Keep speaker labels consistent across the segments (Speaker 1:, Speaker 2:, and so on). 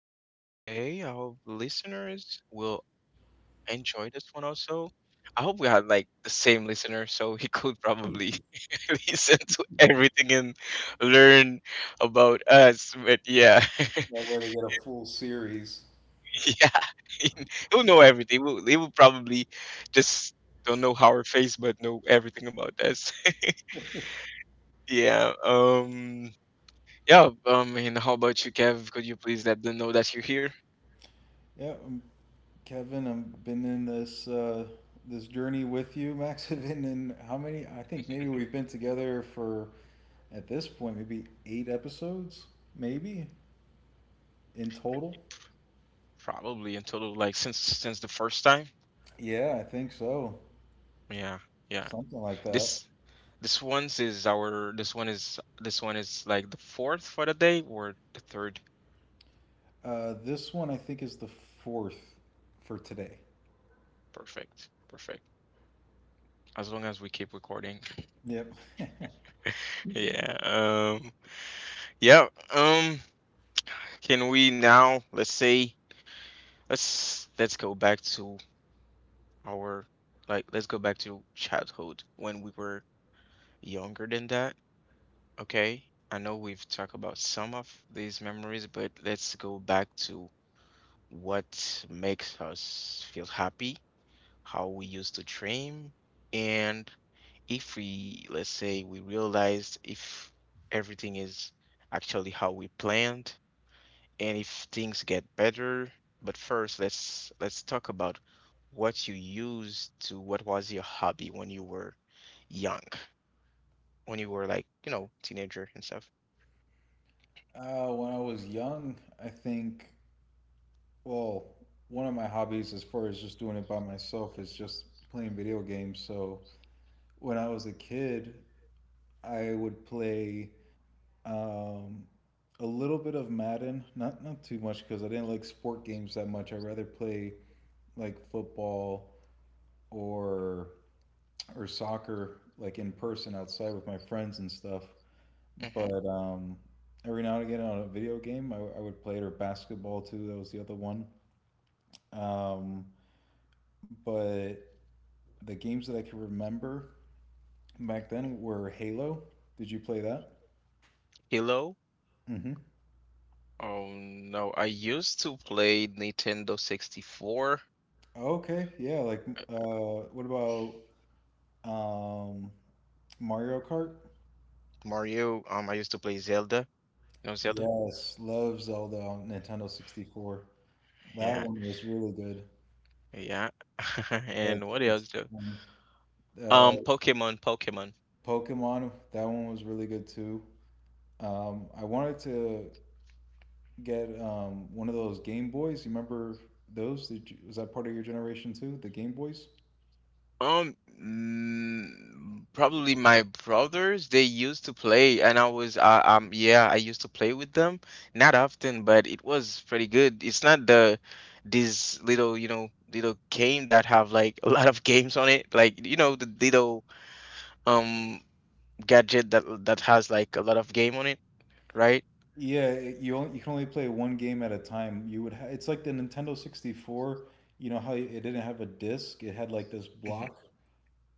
Speaker 1: everyone is okay. I hope listeners will enjoy this one also. I hope we had like the same listener so he could probably listen to everything and learn about us. But yeah,
Speaker 2: That way they get a full series.
Speaker 1: yeah, he'll know everything. He will probably just don't know our face, but know everything about us. Yeah, yeah, and how about you, Kev? Could you please let them know that you're here?
Speaker 2: Yeah, um, Kevin, I've been in this this journey with you, Max. And in how many? I think maybe we've been together for at this point maybe 8 episodes, maybe in total.
Speaker 1: Probably until like since the first time.
Speaker 2: Yeah, I think so,
Speaker 1: Yeah, yeah.
Speaker 2: something like that.
Speaker 1: This this one is like the fourth for the day or the third.
Speaker 2: This one I think is the fourth for today.
Speaker 1: Perfect. Perfect. As long as we keep recording.
Speaker 2: Yep.
Speaker 1: Yeah. Yeah. Um can we now, let's say, let's go back to our, like, let's go back to childhood when we were younger than that. Okay. I know we've talked about some of these memories, but let's go back to what makes us feel happy, how we used to dream, and if we, let's say, we realized if everything is actually how we planned and if things get better. But first, let's talk about what was your hobby when you were young, when you were like, teenager and stuff.
Speaker 2: When I was young, I think well, one of my hobbies, as far as just doing it by myself, is just playing video games. So when I was a kid, I would play um, a little bit of Madden, not too much because I didn't like sport games that much. I rather play like football or or soccer, like in person outside with my friends and stuff.
Speaker 1: Hmm.
Speaker 2: But every now and again on a video game, I would play it, or basketball too. That was the other one. Um, but The games that I can remember back then were Halo. Did you play that?
Speaker 1: Hello?
Speaker 2: Hmm
Speaker 1: Oh no, I used to play Nintendo 64.
Speaker 2: Okay, yeah. Like, what about um, Mario Kart?
Speaker 1: Mario. I used to play Zelda. You know Zelda?
Speaker 2: Yes, love Zelda on Nintendo 64. That
Speaker 1: Yeah,
Speaker 2: one was really good.
Speaker 1: yeah.
Speaker 2: Uh,
Speaker 1: And what
Speaker 2: it's-
Speaker 1: else though?
Speaker 2: uh,
Speaker 1: Pokemon, Pokemon.
Speaker 2: Pokemon, that one was really good too. I wanted to get one of those Game Boys. You remember those? Was that part of your generation too? The Game Boys?
Speaker 1: Probably my brothers. They used to play, and I was, yeah, I used to play with them. Not often, but it was pretty good. It's not the this little, little game that have like a lot of games on it. Like, the little um gadget that has like a lot of game on it, right?
Speaker 2: You can only play one game at a time. It's like the Nintendo 64, you know how it didn't have a disc, it had like this
Speaker 1: Hmm.
Speaker 2: block,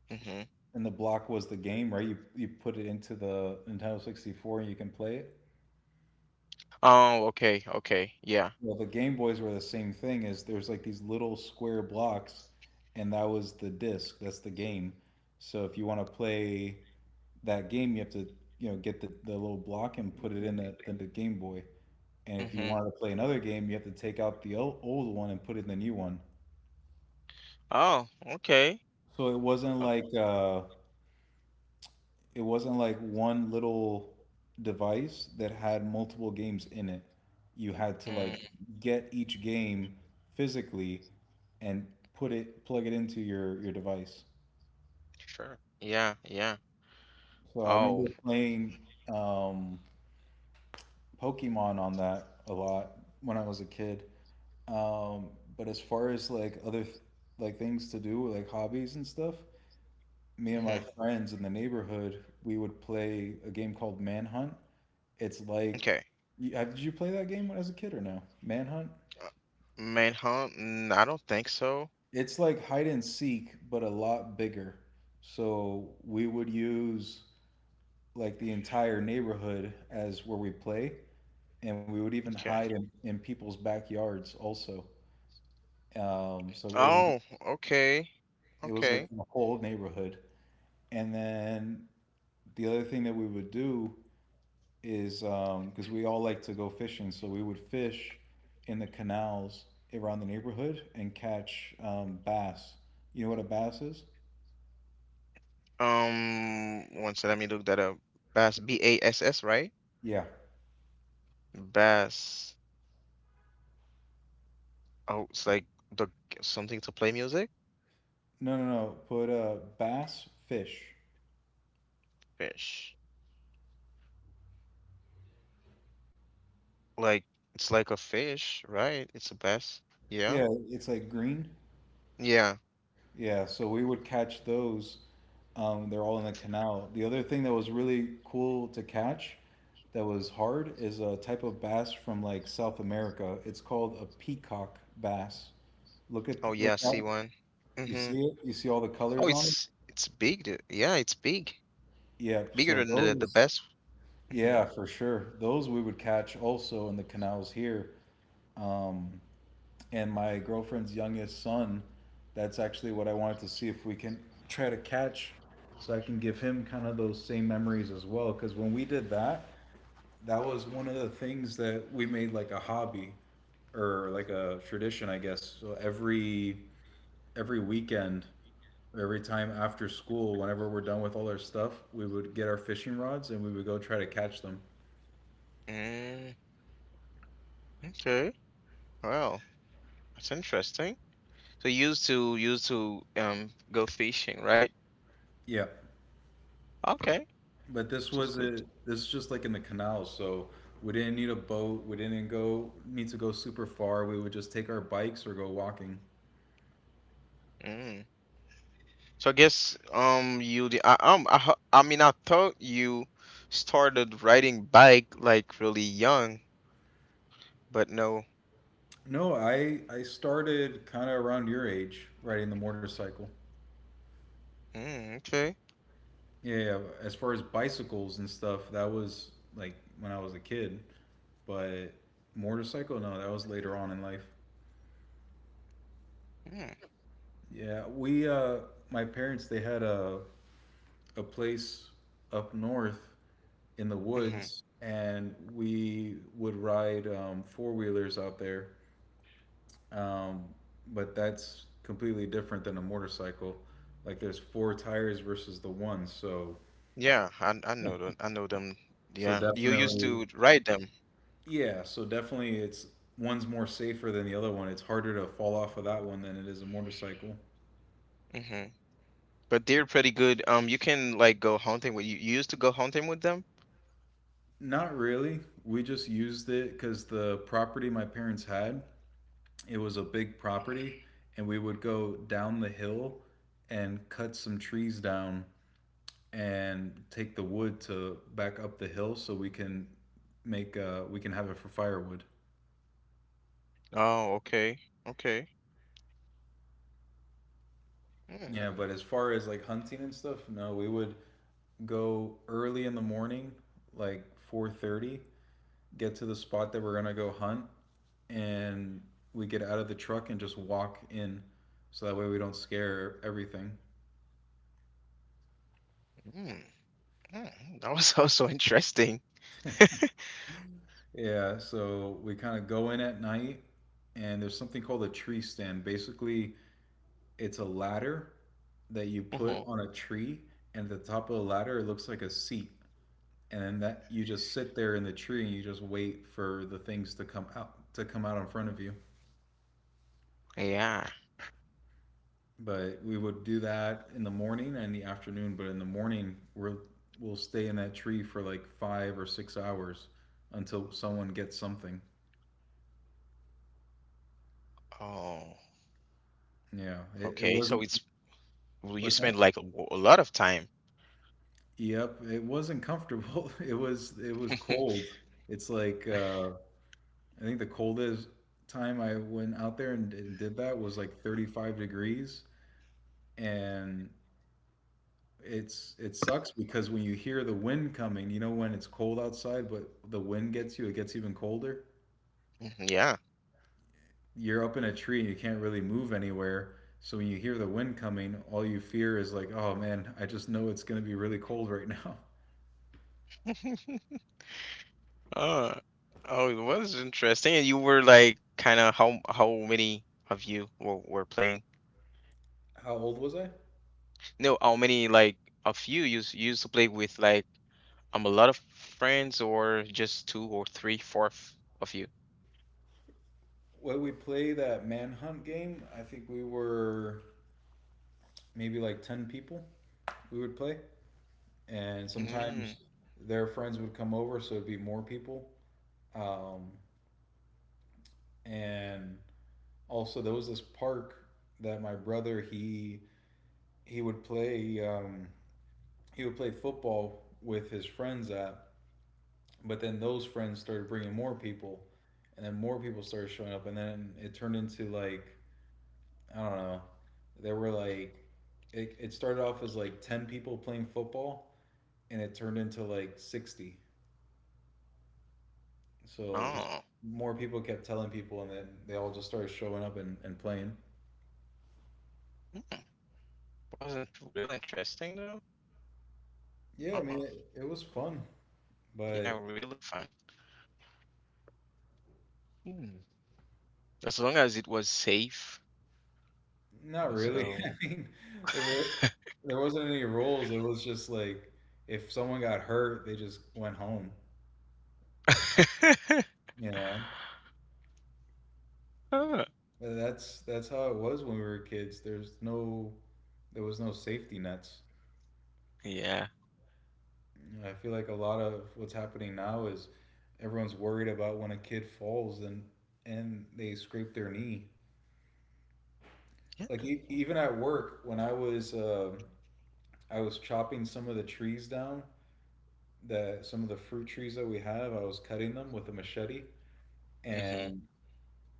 Speaker 1: Hmm.
Speaker 2: and the block was the game, right? You put it into the Nintendo 64 and you can play it.
Speaker 1: Oh, okay, okay, yeah.
Speaker 2: Well, the Game Boys were the same thing. Is there's like these little square blocks, and that was the disc, that's the game. So if you want to play that game, you have to, you know, get the little block and put it in the Game Boy. And if you
Speaker 1: Mm-hmm.
Speaker 2: wanted to play another game, you have to take out the old one and put in the new one.
Speaker 1: Oh, okay.
Speaker 2: So
Speaker 1: Uh,
Speaker 2: it wasn't like one little device that had multiple games in it. You had to like
Speaker 1: Mm,
Speaker 2: get each game physically and put it plug it into your device.
Speaker 1: sure. Yeah, yeah.
Speaker 2: So I
Speaker 1: Oh,
Speaker 2: remember playing um, Pokemon on that a lot when I was a kid. Um, but as far as like like things to do, like hobbies and stuff, me and
Speaker 1: mm-hmm.
Speaker 2: my friends in the neighborhood, we would play a game called Manhunt. It's like,
Speaker 1: Okay.
Speaker 2: did you play that game when as a kid or no? Manhunt.
Speaker 1: Uh, Manhunt? I don't think so.
Speaker 2: It's like hide and seek, but a lot bigger. So we would use like the entire neighborhood as where we play, and we would even
Speaker 1: Okay.
Speaker 2: hide in people's backyards also. Um, so it was
Speaker 1: Oh, okay,
Speaker 2: it was like
Speaker 1: okay.
Speaker 2: the whole neighborhood. And then the other thing that we would do is, um, because we all like to go fishing, so we would fish in the canals around the neighborhood and catch bass. You know what a bass is?
Speaker 1: One second, let me look that up. Bass, Bass, right?
Speaker 2: Yeah.
Speaker 1: Bass. Oh, it's like the something to play music?
Speaker 2: No, no, no. Put a bass fish.
Speaker 1: Fish. Like it's like a fish, right? It's a bass.
Speaker 2: Yeah,
Speaker 1: Yeah.
Speaker 2: it's like green.
Speaker 1: Yeah.
Speaker 2: Yeah, so we would catch those. They're all in the canal. The other thing that was really cool to catch that was hard is a type of bass from like South America. It's called a peacock bass.
Speaker 1: Oh
Speaker 2: Look
Speaker 1: yeah, I
Speaker 2: that.
Speaker 1: see one.
Speaker 2: You see
Speaker 1: Mm-hmm.
Speaker 2: it? You see all the colors
Speaker 1: Oh,
Speaker 2: on it?
Speaker 1: it's big, dude. Yeah, it's big.
Speaker 2: Yep. So
Speaker 1: Bigger than the
Speaker 2: those,
Speaker 1: the best.
Speaker 2: yeah,
Speaker 1: Hmm.
Speaker 2: for sure. Those we would catch also in the canals here. Um, and my girlfriend's youngest son, that's actually what I wanted to see if we can try to catch, so I can give him kind of those same memories as well. Because when we did that, that was one of the things that we made like a hobby or like a tradition, I guess. So every weekend, every time after school, whenever we're done with all our stuff, we would get our fishing rods and we would go try to catch them.
Speaker 1: Mm, okay. Wow, that's interesting. So you used to go fishing, right?
Speaker 2: Yeah.
Speaker 1: Okay,
Speaker 2: But this
Speaker 1: which
Speaker 2: was
Speaker 1: is good.
Speaker 2: a this is just like in the canals, so we didn't need a boat, we didn't go need to go super far. We would just take our bikes or go walking.
Speaker 1: Mm. So I guess, you the I ho- I mean I thought you started riding bike like really young, but no.
Speaker 2: No, I started kind of around your age riding the motorcycle.
Speaker 1: Mm, okay.
Speaker 2: Yeah, yeah, as far as bicycles and stuff, that was like when I was a kid, but motorcycle, no, that was later on in life.
Speaker 1: Mm.
Speaker 2: Yeah, we my parents, they had a place up north in the
Speaker 1: Hmm.
Speaker 2: woods, and we would ride four-wheelers out there. Um, but that's completely different than a motorcycle. Like there's four tires versus the one, so
Speaker 1: Yeah, I know them. I know them.
Speaker 2: so
Speaker 1: Yeah, you used
Speaker 2: definitely
Speaker 1: to ride them.
Speaker 2: definitely it's one's more safer than the other one. It's harder to fall off of that one than it is a motorcycle.
Speaker 1: Hmm. But they're pretty good. You can like go hunting with you. You used to go hunting with them?
Speaker 2: Not really. We just used it because the property my parents had, it was a big property, and we would go down the hill and cut some trees down and take the wood to back up the hill so we can make we can have it for firewood.
Speaker 1: Oh, okay, okay. Mm,
Speaker 2: Yeah, but as far as like hunting and stuff, no, we would go early in the morning like 4:30, get to the spot that we're gonna go hunt, and we get out of the truck and just walk in so that way we don't scare everything.
Speaker 1: mm, mm. That was also interesting.
Speaker 2: Yeah, so we kind of go in at night, and there's something called a tree stand. Basically, it's a ladder that you put
Speaker 1: Hmm.
Speaker 2: on a tree, and at the top of the ladder, it looks like a seat. And then that you just sit there in the tree and you just wait for the things to come out in front of you.
Speaker 1: Yeah.
Speaker 2: But we would do that in the morning and the afternoon, but in the morning, we're we'll stay in that tree for like 5 or 6 hours until someone gets something.
Speaker 1: Oh,
Speaker 2: Yeah, it
Speaker 1: okay. So
Speaker 2: wasn't.
Speaker 1: it's well, you
Speaker 2: What's that?
Speaker 1: spend like a lot of time.
Speaker 2: Yep, it wasn't comfortable. It was cold. It's like I think the coldest time I went out there and did that was like 35 degrees, and it sucks because when you hear the wind coming, you know when it's cold outside, but the wind gets you, it gets even colder.
Speaker 1: Mhm, yeah.
Speaker 2: You're up in a tree and you can't really move anywhere. So when you hear the wind coming, all you fear is like, oh man, I just know it's gonna be really cold right now.
Speaker 1: Oh, oh, it was interesting. And you were like kind of how many of you were playing?
Speaker 2: How old was I?
Speaker 1: No, how many like of you used to play with like a lot of friends or just two or three, of you?
Speaker 2: When we play that manhunt game, I think we were maybe like 10 people we would play. And
Speaker 1: Mm,
Speaker 2: sometimes their friends would come over, so it'd be more people. Um, and also, there was this park that my brother he would play football with his friends at, but then those friends started bringing more people, and then more people started showing up, and then it turned into like I don't know. There were like it started off as like 10 people playing football and it turned into like 60. So just
Speaker 1: oh,
Speaker 2: more people kept telling people and then they all just started showing up and playing.
Speaker 1: hmm. Wasn't really interesting though.
Speaker 2: Yeah, I mean
Speaker 1: Oh,
Speaker 2: it was fun,
Speaker 1: yeah,
Speaker 2: but
Speaker 1: really fun. Hmm. As long as it was safe.
Speaker 2: not really.
Speaker 1: So,
Speaker 2: I mean there were there wasn't any rules. It was just like if someone got hurt, they just went home, you know.
Speaker 1: huh,
Speaker 2: That's how it was when we were kids. There's no there was no safety nets.
Speaker 1: yeah,
Speaker 2: Yeah, I feel like a lot of what's happening now is everyone's worried about when a kid falls and they scrape their knee.
Speaker 1: yeah,
Speaker 2: Like even at work, when I was chopping some of the trees down, the some of the fruit trees that we have, I was cutting them with a machete,
Speaker 1: hmm,
Speaker 2: and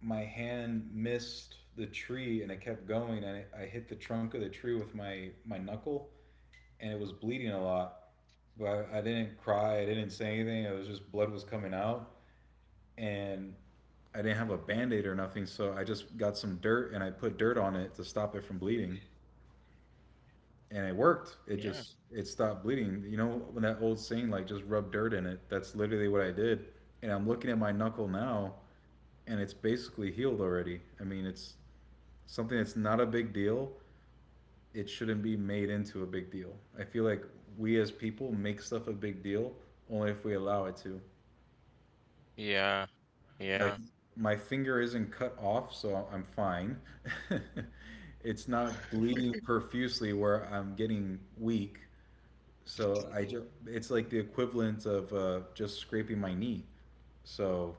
Speaker 2: my hand missed the tree and it kept going, and I hit the trunk of the tree with my knuckle, and it was bleeding a lot. But I didn't cry, I didn't say anything. It was just blood was coming out, and I didn't have a band aid or nothing, so I just got some dirt and I put dirt on it to stop it from bleeding. And it worked. It
Speaker 1: yeah,
Speaker 2: just it stopped bleeding. You know when that old saying like just rub dirt in it. That's literally what I did. And I'm looking at my knuckle now and it's basically healed already. I mean, it's something that's not a big deal. It shouldn't be made into a big deal. I feel like we as people make stuff a big deal only if we allow it to.
Speaker 1: yeah,
Speaker 2: Like
Speaker 1: yeah.
Speaker 2: my finger isn't cut off, so I'm fine. It's not bleeding profusely where I'm getting weak. It's like the equivalent of just scraping my knee. So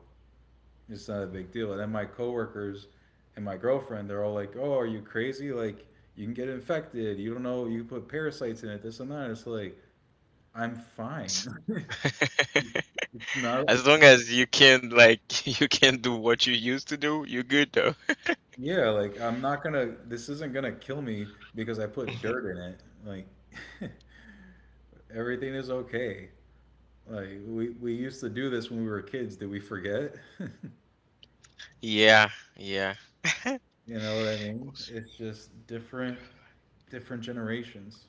Speaker 2: it's not a big deal. And then my coworkers and my girlfriend, they're all like, "Oh, are you crazy? Like you can get infected. You don't know. You put parasites in it. This and that." It's like I'm fine.
Speaker 1: As
Speaker 2: Not
Speaker 1: as long as you can, like, you can do what you used to do, you're good though.
Speaker 2: Yeah, like I'm not gonna, this isn't gonna kill me because I put dirt in it. Like everything is okay. Like we used to do this when we were kids. Did we forget?
Speaker 1: Yeah, yeah.
Speaker 2: You know what I mean? It's just different generations.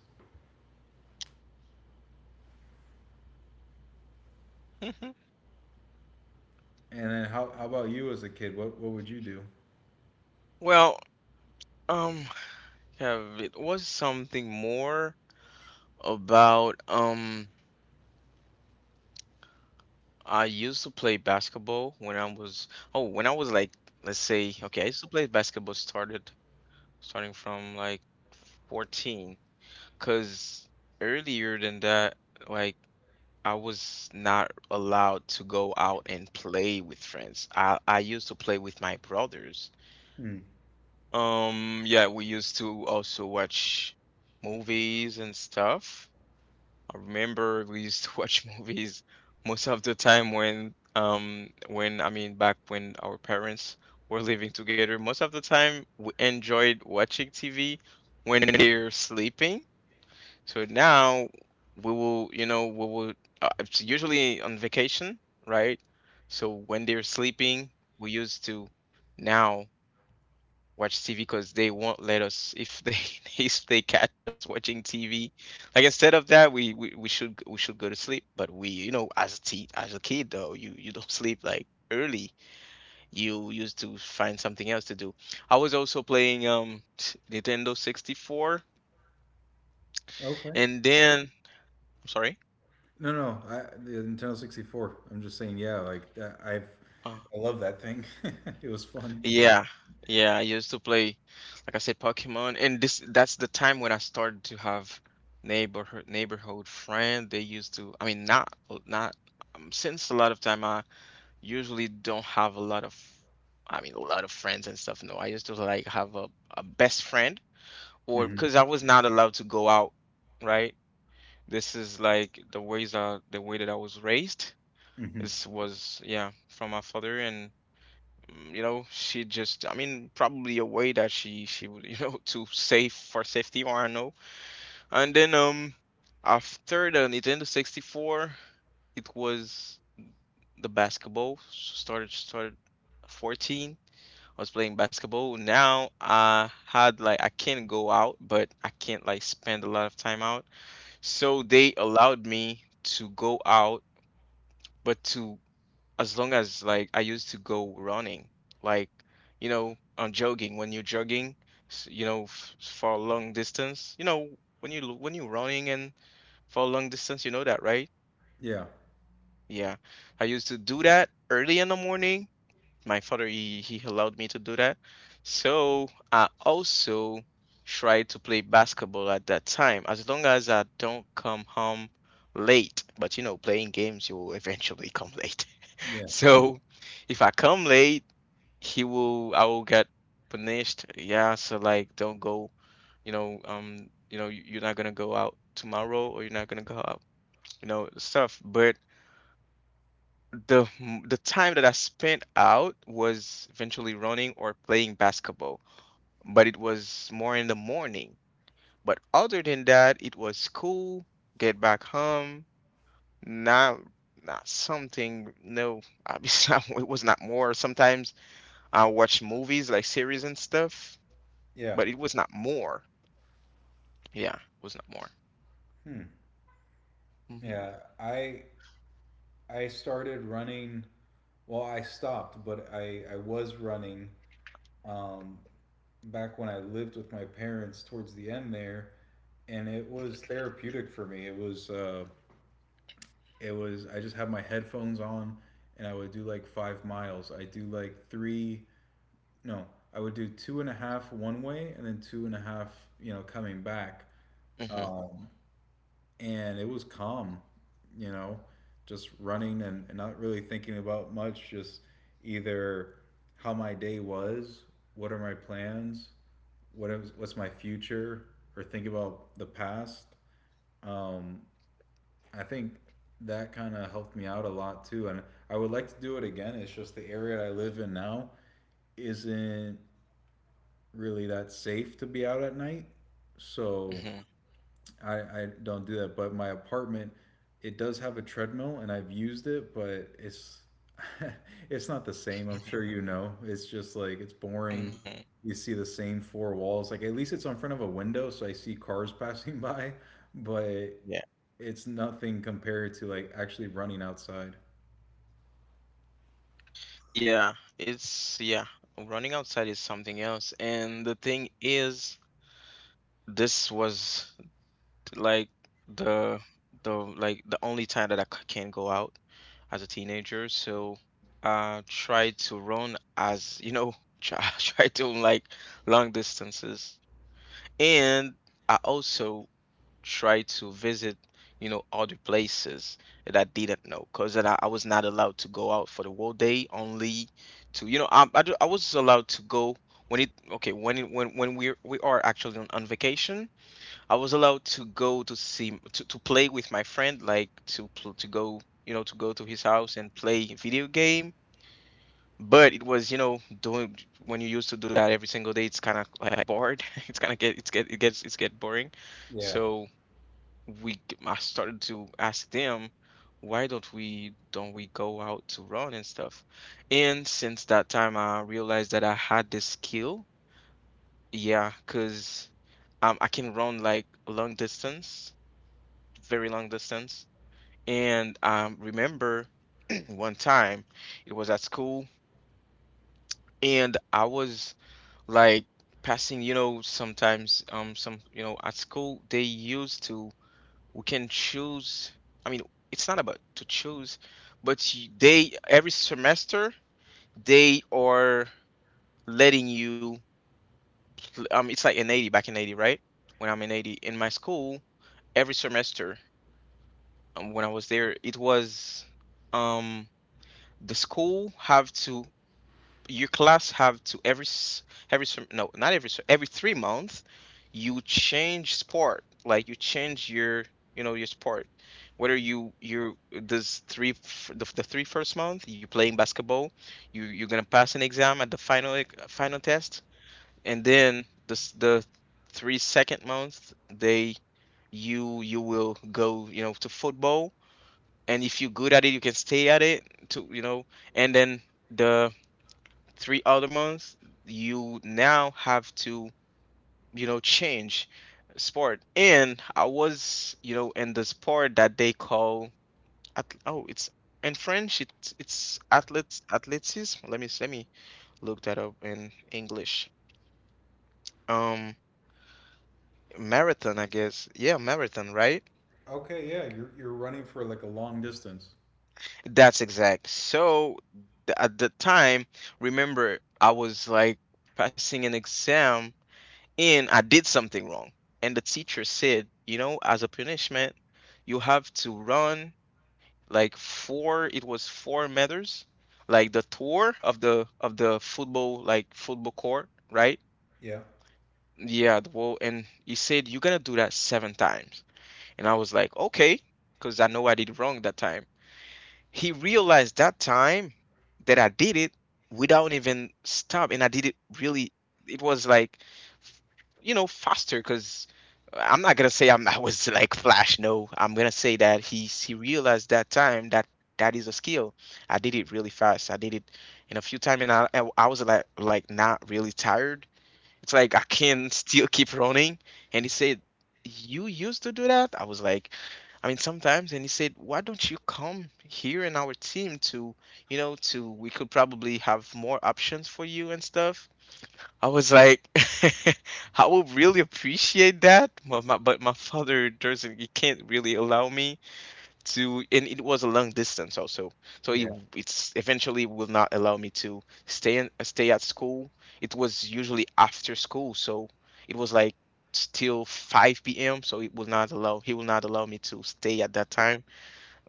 Speaker 1: Mhm.
Speaker 2: And then how about you as a kid? What would you do?
Speaker 1: Well, um, have it was something more about I used to play basketball when I was, oh, when I was, like, let's say, okay, I used to play basketball started starting from like 14 because earlier than that, like, I was not allowed to go out and play with friends. I used to play with my brothers.
Speaker 2: Hmm.
Speaker 1: Yeah, we used to also watch movies and stuff. I remember we used to watch movies most of the time when when, I mean, back when our parents were living together. Most of the time we enjoyed watching TV when they're sleeping. So now, we will, you know, we will it's usually on vacation, right? So when they're sleeping, we used to now watch TV because they won't let us if they if they catch us watching TV. Like instead of that, we should go to sleep. But we, as a teen, as a kid though, you don't sleep like early. You used to find something else to do. I was also playing Nintendo 64,
Speaker 2: Okay.
Speaker 1: and then I'm sorry.
Speaker 2: No, no, I, the Nintendo 64. I'm just saying, yeah, like that, I've
Speaker 1: Uh,
Speaker 2: I love that thing. It was fun.
Speaker 1: Yeah, yeah. I used to play, like I said, Pokemon, and this that's the time when I started to have neighborhood friend. They used to, I mean, not not since a lot of time. I usually don't have a lot of, I mean, a lot of friends and stuff. No, I used to like have a best friend, or
Speaker 2: Hmm.
Speaker 1: because I was not allowed to go out, right? This is like the ways the way that I was raised.
Speaker 2: Hmm.
Speaker 1: This was, yeah, from my father and. Mm, she just, I mean, probably a way that she would, you know, to save for safety or I know. And then after the Nintendo 64, it was the basketball, so started 14. I was playing basketball now, I had like, I can't go out, but I can't like spend a lot of time out, so they allowed me to go out, but to, as long as, like, I used to go running, like, on jogging. When you're jogging, s- you know, f for a long distance, you know, when when you're running and for a long distance, you know that, right?
Speaker 2: Yeah.
Speaker 1: Yeah, I used to do that early in the morning. My father, he allowed me to do that, so I also tried to play basketball at that time. As long as I don't come home late, but, playing games, you will eventually come late.
Speaker 2: Yeah.
Speaker 1: So if I come late, he will I will get punished. Yeah, so like don't go, you're not gonna go out tomorrow or you're not gonna go out, stuff. But the time that I spent out was eventually running or playing basketball, but it was more in the morning. But other than that, it was school, get back home, not not something, no, obviously, it was not more, sometimes I watched movies like series and stuff,
Speaker 2: Yeah.
Speaker 1: but it was not more. Yeah, it was not more.
Speaker 2: Hmm.
Speaker 1: Mm-hmm.
Speaker 2: Yeah, I I started running. Well, I stopped, but I was running um, back when I lived with my parents towards the end there, and it was therapeutic for me. It was I just had my headphones on, and I would do like 5 miles. I do like three. No, I would do two and a half one way, and then two and a half. You know, coming back.
Speaker 1: Mm-hmm.
Speaker 2: Um, and it was calm, you know, just running and not really thinking about much, just either how my day was, what are my plans, what is, what's my future, or think about the past. Um, I think that kind of helped me out a lot too. And I would like to do it again. It's just the area I live in now isn't really that safe to be out at night. So
Speaker 1: Mm-hmm.
Speaker 2: I don't do that, but my apartment it does have a treadmill and I've used it, but it's it's not the same. I'm
Speaker 1: Mm-hmm.
Speaker 2: sure you know. It's just like it's boring.
Speaker 1: Mm-hmm.
Speaker 2: You see the same four walls. Like at least it's in front of a window, so I see cars passing by, but
Speaker 1: Yeah.
Speaker 2: it's nothing compared to like actually running outside.
Speaker 1: Yeah, it's yeah, running outside is something else. And the thing is, this was like the the like the only time that I can go out as a teenager. So I tried to run as, try to like long distances. And I also try to visit, other places that I didn't know because I was not allowed to go out for the whole day, only to, I was allowed to go when it, okay, when it, when we are actually on vacation, I was allowed to go to see, to play with my friend, like to go, to go to his house and play video game. But it was, doing when you used to do that every single day, it's kind of like bored. It's kind of get it's get it gets it's get boring.
Speaker 2: Yeah.
Speaker 1: So I started to ask them, why don't we go out to run and stuff? And since that time, I realized that I had this skill. Yeah, because I can run like long distance, very long distance. And Remember, one time it was at school and I was like passing, sometimes some at school they used to, we can choose, I mean it's not about to choose, but they every semester they are letting you it's like in 80, back in 80, right? When I'm in 80 in my school, every semester, when I was there it was um the school have to, your class have to every s- every sem- no not every se- every 3 months you change sport, like you change your, you know, your sport. Whether you this the three first month you playing basketball, you're gonna pass an exam at the final test. And then the three second month they, you will go, you know, to football. And if you're good at it, you can stay at it to, you know. And then the three other months, you now have to, you know, change sport. And I was, you know, in the sport that they call, oh, it's in French, it's athletes, athleticism. Let me look that up in English. Um, Marathon, I guess. Yeah, marathon, right?
Speaker 2: Okay, yeah, you're running for like a long distance.
Speaker 1: That's exact. So at the time, remember, I was like passing an exam and I did something wrong. And the teacher said, you know, as a punishment, you have to run like it was 4 meters, like the tour of the football, like football court, right?
Speaker 2: Yeah.
Speaker 1: Yeah, the wall. And he said, you're gonna do that 7 times. And I was like, okay, because I know I did wrong that time. He realized that time that I did it without even stop, and I did it really. It was like, f- you know, faster, because I'm not gonna say I'm, I was like flash. No, I'm gonna say that he realized that time that that is a skill. I did it really fast. I did it in a few time, and I was like not really tired. It's like I can still keep running. And he said, you used to do that? I was like, I mean, sometimes. And he said, why don't you come here in our team to, you know, to, we could probably have more options for you and stuff. I was like, I would really appreciate that, but my father doesn't, he can't really allow me to. And it was a long distance also, so it, it's eventually will not allow me to stay in, stay at school. It was usually after school, so it was like still 5 p.m, so it will not allow, he will not allow me to stay at that time.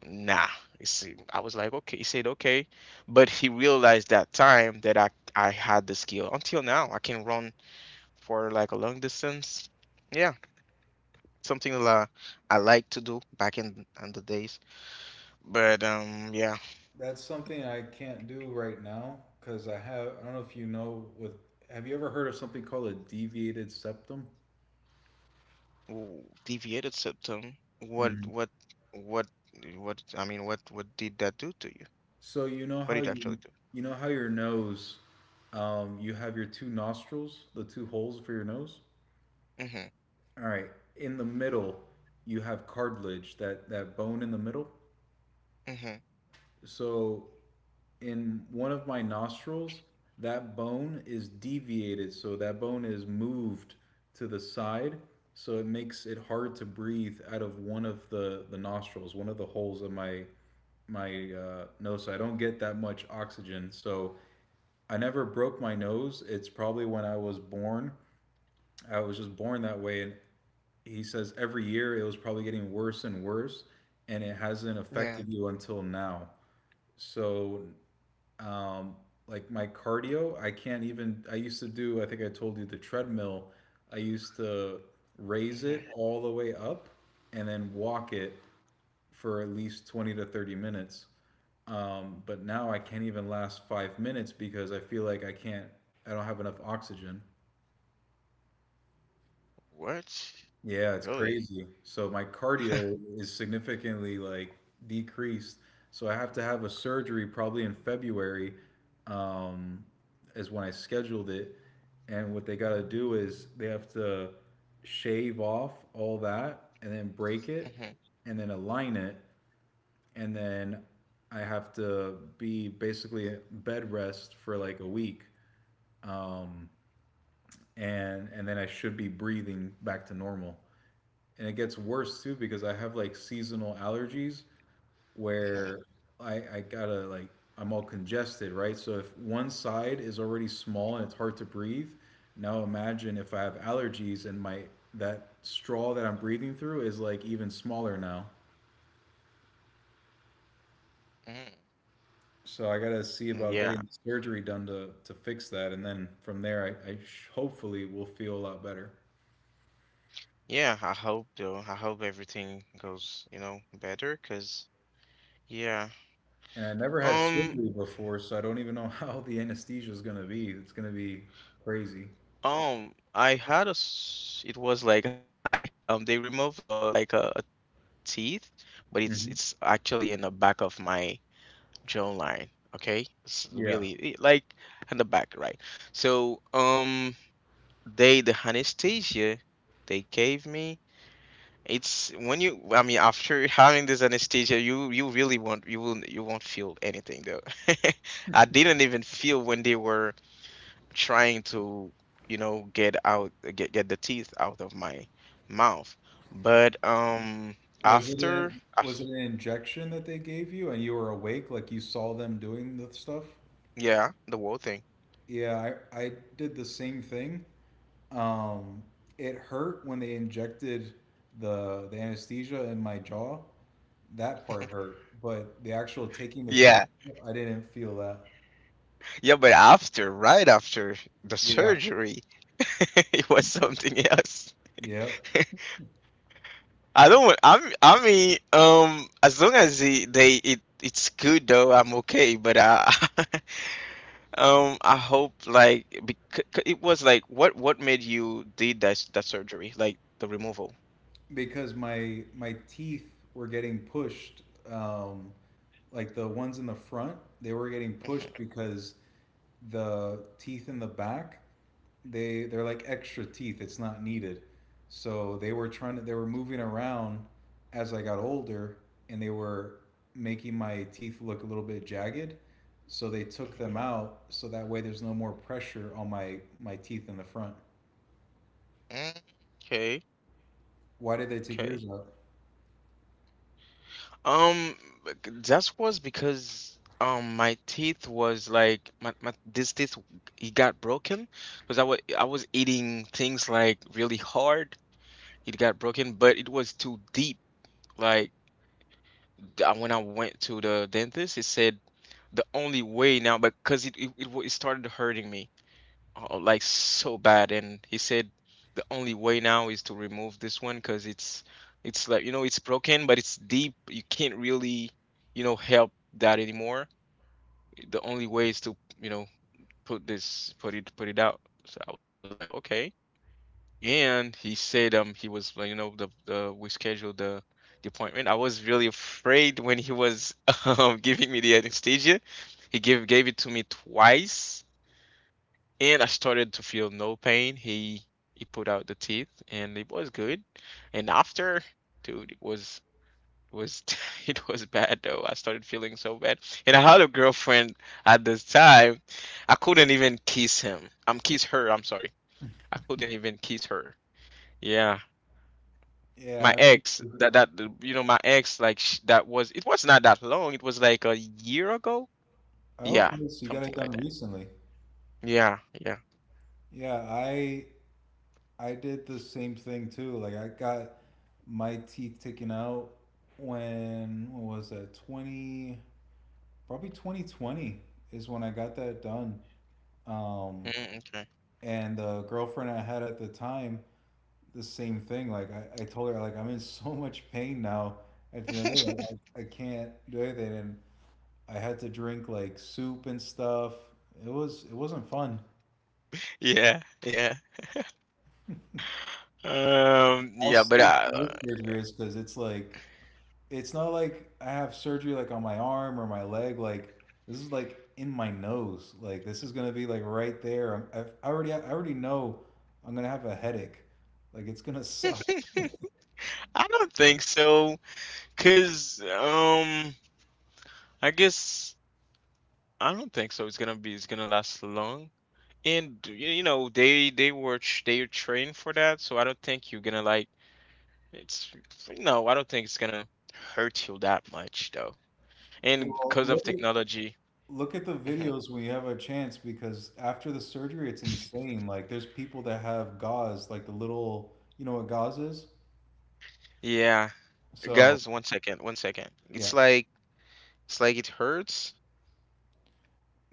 Speaker 1: Nah, it's, I was like okay, he said okay. But he realized that time that I had the skill. Until now, I can run for like a long distance. Yeah, something that I like to do back in the days. But yeah.
Speaker 2: That's something I can't do right now because I have. I don't know if you know. With have you ever heard of something called a deviated septum?
Speaker 1: Ooh, deviated septum.
Speaker 2: Mhm.
Speaker 1: What what I mean, what did that do to you?
Speaker 2: So
Speaker 1: What did you actually do?
Speaker 2: you know how your nose, you have your two nostrils, the two holes for your nose.
Speaker 1: Mm-hmm.
Speaker 2: All right, in the middle, you have cartilage, that bone in the middle.
Speaker 1: Mm-hmm.
Speaker 2: So in one of my nostrils, that bone is deviated. So that bone is moved to the side. So it makes it hard to breathe out of one of the nostrils, one of the holes of my my nose. So I don't get that much oxygen. So I never broke my nose. It's probably when I was born. I was just born that way. And he says every year it was probably getting worse and worse, and it hasn't
Speaker 1: Yeah.
Speaker 2: affected you until now. So um, like my cardio I can't even I used to do I think I told you the treadmill I used to raise
Speaker 1: Mm-hmm.
Speaker 2: it all the way up and then walk it for at least 20 to 30 minutes but now I can't even last 5 minutes because I feel like I can't I don't have enough oxygen.
Speaker 1: What?
Speaker 2: Yeah, it's
Speaker 1: Really?
Speaker 2: crazy. So my cardio is significantly like decreased. So I have to have a surgery probably in February, um, is when I scheduled it. And what they gotta do is they have to shave off all that and then break it
Speaker 1: Mm-hmm.
Speaker 2: and then align it. And then I have to be basically bed rest for like a week. And then I should be breathing back to normal. And it gets worse too because I have like seasonal allergies where
Speaker 1: Mm-hmm.
Speaker 2: I gotta like I'm all congested, right? So if one side is already small and it's hard to breathe, now imagine if I have allergies and my that straw that I'm breathing through is like even smaller now.
Speaker 1: Mm-hmm.
Speaker 2: So I gotta see about getting
Speaker 1: Yeah.
Speaker 2: surgery done to fix that, and then from there I sh- hopefully will feel a lot better.
Speaker 1: Yeah, I hope though. I hope everything goes, you know, better 'cause yeah.
Speaker 2: And I never had surgery
Speaker 1: Um
Speaker 2: before, so I don't even know how the anesthesia is gonna be. It's gonna be crazy.
Speaker 1: I had a it was like I they removed like a teeth, but it's
Speaker 2: Mhm.
Speaker 1: it's actually in the back of my jawline. Okay, it's
Speaker 2: Yeah.
Speaker 1: really like on the back, right? So they the anesthesia they gave me. It's when you, I mean, after having this anesthesia, you really won't you will you won't feel anything though. I didn't even feel when they were trying to, you know, get the teeth out of my mouth. But after,
Speaker 2: Was it
Speaker 1: af-
Speaker 2: an injection that they gave you and you were awake, like you saw them doing the stuff?
Speaker 1: yeah, the whole thing.
Speaker 2: Yeah, I did the same thing. Um, it hurt when they injected the anesthesia in my jaw. That part hurt, but the actual taking the
Speaker 1: Yeah,
Speaker 2: teeth, I didn't feel that.
Speaker 1: yeah, but after, right after the
Speaker 2: Yeah,
Speaker 1: surgery, it was something else.
Speaker 2: yeah,
Speaker 1: I don't. I'm. I mean, as long as the, they it it's good though, I'm okay. But I hope like, because it was like what made you did that that surgery, like the removal.
Speaker 2: because my teeth were getting pushed, um, like the ones in the front, they were getting
Speaker 1: Mhm,
Speaker 2: pushed because the teeth in the back they're like extra teeth it's not needed so they were trying to they were moving around as I got older and they were making my teeth look a little bit jagged so they took
Speaker 1: mhm.
Speaker 2: them out so that way there's no more pressure on my my teeth in the front.
Speaker 1: Mm, okay.
Speaker 2: Why did they take
Speaker 1: Okay.
Speaker 2: yours out?
Speaker 1: Um, that was because my teeth was like my this teeth, it got broken because I was eating things like really hard. It got broken, but it was too deep. Like when I went to the dentist, he said the only way now, because it started hurting me like so bad. And he said the only way now is to remove this one, because it's like, you know, it's broken, but it's deep, you can't really, you know, help that anymore. The only way is to, you know, put it put it out. So I was like, okay. And he said, he was like, you know, the we scheduled the appointment. I was really afraid when he was giving me the anesthesia. He gave it to me twice, and I started to feel no pain. He put out the teeth, and it was good. And after, dude, it was it was bad though. I started feeling so bad, and I had a girlfriend at this time. I couldn't even kiss him. I'm kiss her. I'm sorry. I couldn't even kiss her. Yeah. My
Speaker 2: Yeah, I
Speaker 1: ex, that
Speaker 2: remember.
Speaker 1: that, you know, my ex, like sh, that was, it was not that long. It was like a year ago. Yeah,
Speaker 2: Okay, so you got
Speaker 1: something
Speaker 2: it
Speaker 1: like
Speaker 2: done
Speaker 1: that.
Speaker 2: recently?
Speaker 1: Yeah, yeah.
Speaker 2: Yeah, I did the same thing too. Like I got my teeth taken out when what was that? 20 probably 2020 when I got that done. Um,
Speaker 1: Mm,
Speaker 2: and the girlfriend I had at the time, the same thing. Like I told her like I'm in so much pain now at the end of the day,
Speaker 1: okay.
Speaker 2: like, I can't do anything and I had to drink like soup and stuff. It was it wasn't fun.
Speaker 1: Yeah, yeah.
Speaker 2: I'll
Speaker 1: Yeah, but
Speaker 2: see
Speaker 1: I
Speaker 2: how this surgery is because it's like it's not like I have surgery like on my arm or my leg. Like this is like in my nose. Like this is gonna be like right there. I already know I'm gonna have a headache. Like it's gonna suck.
Speaker 1: I don't think so. Cause I guess I don't think so. It's gonna be, it's gonna last long. And you know they are trained for that, so I don't think you're gonna like it's, no, I don't think it's gonna hurt you that much though. And
Speaker 2: Well,
Speaker 1: because of
Speaker 2: look at,
Speaker 1: technology,
Speaker 2: look at the
Speaker 1: hmm,
Speaker 2: videos when you have a chance because after the surgery, it's insane. Like there's people that have gauze, like the little, you know what gauze is?
Speaker 1: yeah,
Speaker 2: So
Speaker 1: guys, one second, one second.
Speaker 2: yeah,
Speaker 1: It's like it hurts.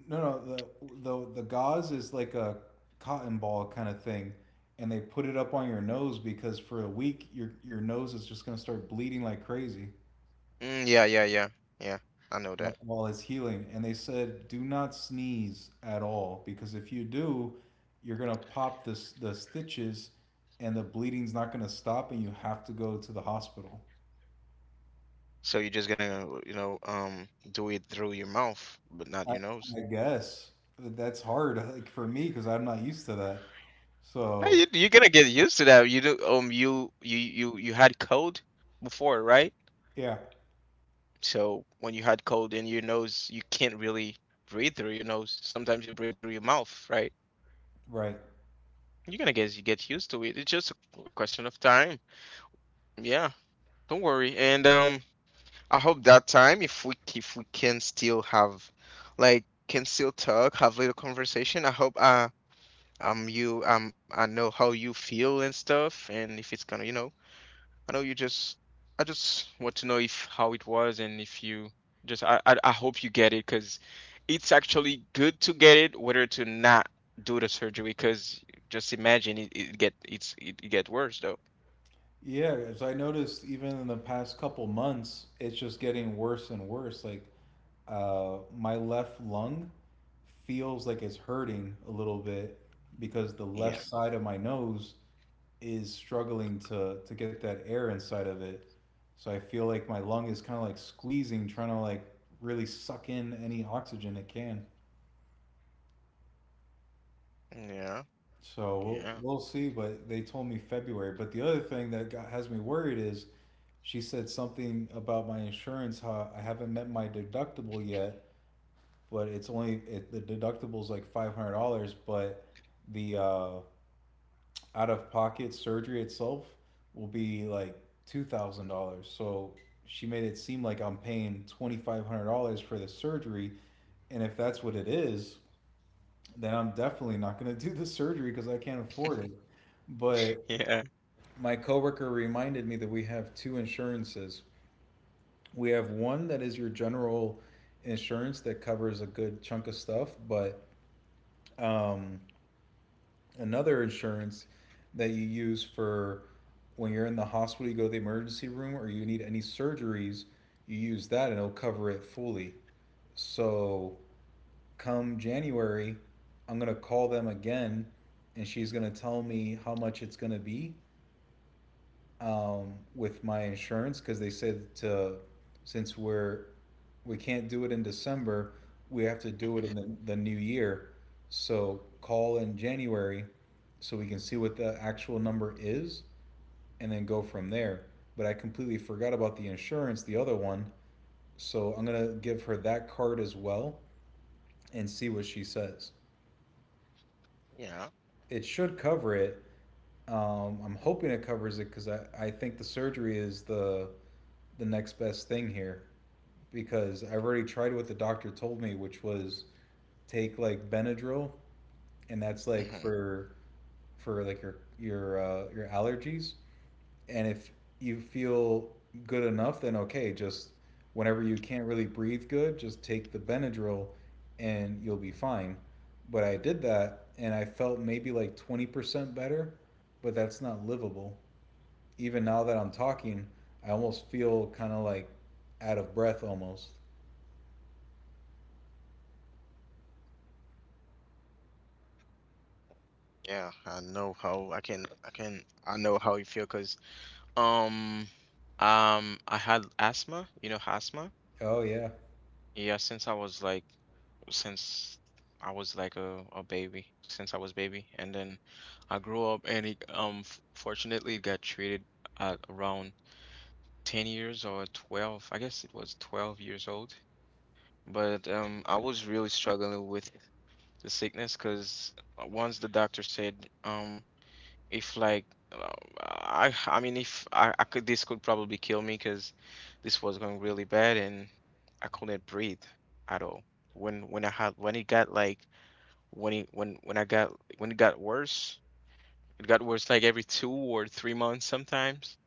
Speaker 2: no, no, the the gauze is like a cotton ball kind of thing, and they put it up on your nose because for a week your nose is just gonna start bleeding like crazy
Speaker 1: Mm, yeah, yeah. I know that.
Speaker 2: wh- while it's healing. And they said do not sneeze at all because if you do, you're gonna pop this the stitches, and the bleeding's not gonna stop, and you have to go to the hospital.
Speaker 1: So you're just gonna, you know, do it through your mouth, but not
Speaker 2: I,
Speaker 1: your
Speaker 2: I
Speaker 1: nose.
Speaker 2: guess but that's hard like for me because I'm not used to that.
Speaker 1: Ah,
Speaker 2: So
Speaker 1: you, you're gonna get used to that. You do, you had cold before, right?
Speaker 2: yeah,
Speaker 1: So when you had cold in your nose, you can't really breathe through your nose. Sometimes you breathe through your mouth, right?
Speaker 2: right.
Speaker 1: You're gonna get you get used to it. It's just a question of time. Yeah, don't worry. And I hope that time, if we can still have, like, can still talk, have little conversation. I hope you I know how you feel and stuff, and if it's gonna, you know, I know you just, I just want to know if how it was, and if you just I hope you get it, because it's actually good to get it, whether to not do the surgery, because just imagine it, it get it's it, it get worse though.
Speaker 2: Yeah, as I noticed, even in the past couple months, it's just getting worse and worse. Like, my left lung feels like it's hurting a little bit because the left
Speaker 1: Yeah,
Speaker 2: side of my nose is struggling to get that air inside of it. So I feel like my lung is kind of like squeezing, trying to like really suck in any oxygen it can.
Speaker 1: yeah,
Speaker 2: So
Speaker 1: yeah,
Speaker 2: we'll see. But they told me February. But the other thing that got, has me worried is she said something about my insurance. How I haven't met my deductible yet, but it's only the deductible is like $500, but the out of pocket surgery itself will be like $2,000. So she made it seem like I'm paying $2,500 for the surgery, and if that's what it is, then I'm definitely not gonna do the surgery because I can't afford it. But
Speaker 1: yeah.
Speaker 2: my coworker reminded me that we have two insurances. We have one that is your general insurance that covers a good chunk of stuff, but um, another insurance that you use for when you're in the hospital, you go to the emergency room, or you need any surgeries, you use that and it'll cover it fully. So come January, I'm gonna call them again, and she's gonna tell me how much it's gonna be with my insurance because they said to since we're we can't do it in December. We have to do it in
Speaker 1: Mhm,
Speaker 2: the new year. So call in January so we can see what the actual number is and then go from there. But I completely forgot about the insurance, the other one. So I'm going to give her that card as well and see what she says.
Speaker 1: yeah.
Speaker 2: It should cover it. I'm hoping it covers it because I think the surgery is the next best thing here because I've already tried what the doctor told me, which was take like Benadryl and that's like
Speaker 1: Mhm,
Speaker 2: for like your allergies. And if you feel good enough, then okay. Just whenever you can't really breathe good, just take the Benadryl, and you'll be fine. But I did that, and I felt maybe like 20% better, but that's not livable. Even now that I'm talking, I almost feel kind of like out of breath almost.
Speaker 1: yeah, I know how I know how you feel because um I had asthma, you know, asthma.
Speaker 2: Oh yeah.
Speaker 1: Yeah, since I was like, since I was like a baby, since I was baby. And then I grew up, and it fortunately got treated at around 10 years or 12. I guess it was 12 years old. But I was really struggling with the sickness, because once the doctor said if like uh, I mean if I, I could, this could probably kill me because this was going really bad and I couldn't breathe at all. When I had when it got like when it when I got when it got worse like every 2 or 3 months sometimes.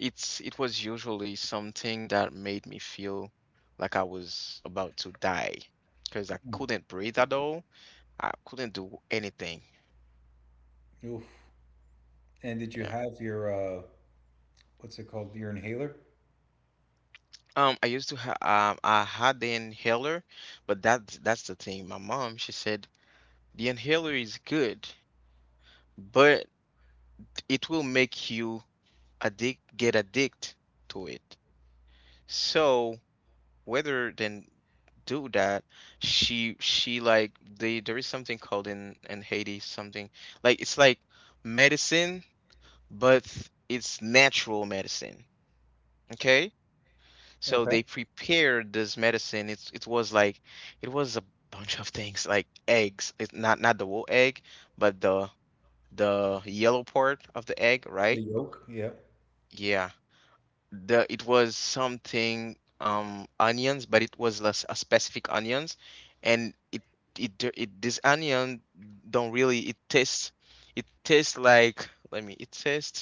Speaker 1: It was usually something that made me feel like I was about to die, because I couldn't breathe at all. I couldn't do anything.
Speaker 2: Oof. And did you
Speaker 1: Yeah.
Speaker 2: have your what's it called? Your inhaler?
Speaker 1: I used to have I had the inhaler, but that's the thing. My mom, she said the inhaler is good, but it will make you addict, get addict to it. So whether than do that, she like they, there is something called in Haiti something like, it's like medicine, but it's natural medicine. Okay? So
Speaker 2: Okay.
Speaker 1: they prepared this medicine, it was like it was a bunch of things like eggs, it's not, not the whole egg, but the yellow part of the egg,
Speaker 2: The
Speaker 1: right?
Speaker 2: yolk. Yep.
Speaker 1: Yeah, the it was something onions, but it was less a specific onions. And it d- it this onion don't really, it tastes like, let me,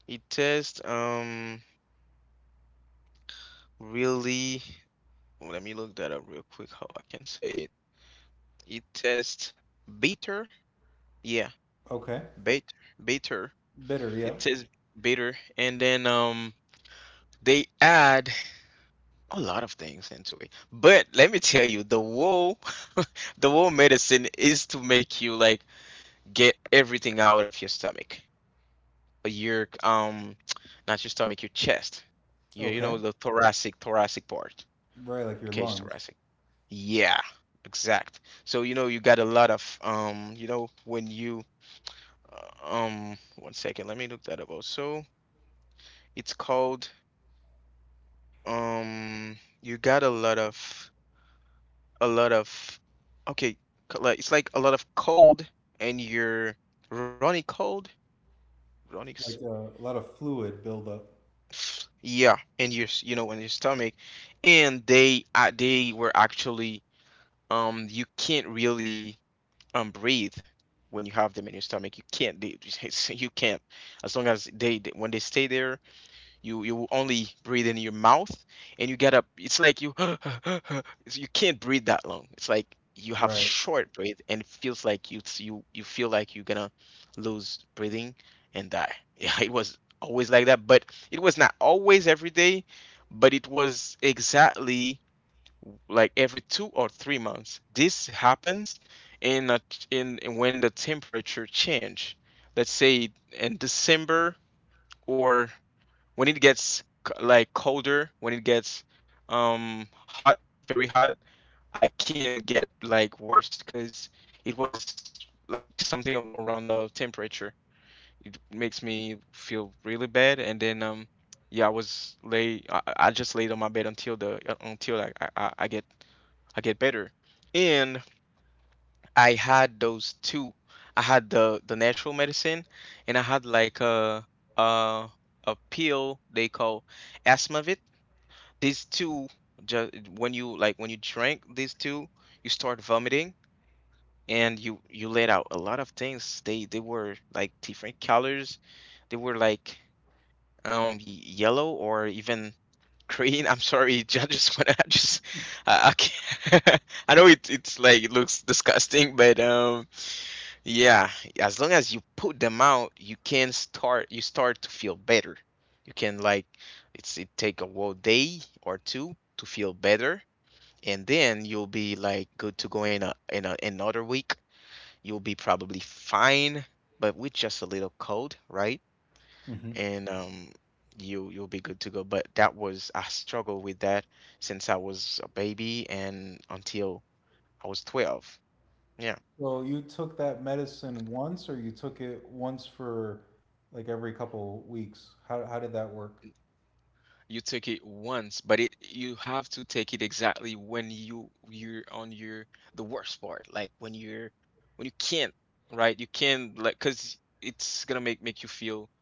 Speaker 1: it tastes really, let me look that up real quick how I can say it. It tastes bitter. Yeah,
Speaker 2: Okay.
Speaker 1: bitter, bitter.
Speaker 2: Bitter.
Speaker 1: It
Speaker 2: Yep.
Speaker 1: tastes bitter. And then they add a lot of things into it. But let me tell you, the whole the whole medicine is to make you like get everything out of your stomach, your not your stomach, your chest. You
Speaker 2: Okay.
Speaker 1: know the thoracic part.
Speaker 2: Right, like your
Speaker 1: The cage
Speaker 2: lungs,
Speaker 1: thoracic. Yeah, exact. So you know you got a lot of you know when you one second, let me look that up also. It's called you got a lot of, okay, like it's like a lot of cold, and you're running cold, running
Speaker 2: like a lot of fluid buildup.
Speaker 1: yeah. And your you know, in your stomach, and they were actually you can't really breathe when you have them in your stomach. You can't they, you can't as long as when they stay there, You only breathe in your mouth, and you get up. It's like you you can't breathe that long. It's like you have
Speaker 2: Right.
Speaker 1: short breath, and it feels like you feel like you're gonna lose breathing and die. Yeah, it was always like that, but it was not always every day, but it was exactly like every 2 or 3 months. This happens in a, in in when the temperature change. Let's say in December, or when it gets like colder, when it gets hot, very hot, I can get like worse because it was like something around the temperature. It makes me feel really bad, and then yeah, I was lay I just laid on my bed until the until I get, I get better, and I had those two. I had the natural medicine, and I had like a a pill they call Asmavit. These two, ju- when you like when you drink these two, you start vomiting, and you let out a lot of things. They were like different colors. They were like yellow or even green. I'm sorry, I just want to just I can't. I know it's like it looks disgusting, but. Yeah, as long as you put them out, you start to feel better. You can like it's it take a whole day or two to feel better, and then you'll be like good to go in another week. You'll be probably fine, but with just a little cold, right?
Speaker 2: Hmm.
Speaker 1: And you you'll be good to go. But that was, I struggled with that since I was a baby, and until I was 12. Yeah.
Speaker 2: So you took that medicine once, or you took it once for like every couple weeks? How did that work?
Speaker 1: You take it once, but it you have to take it exactly when you're on your the worst part, like when you're when you can't, right? You can't, like because it's gonna make you feel,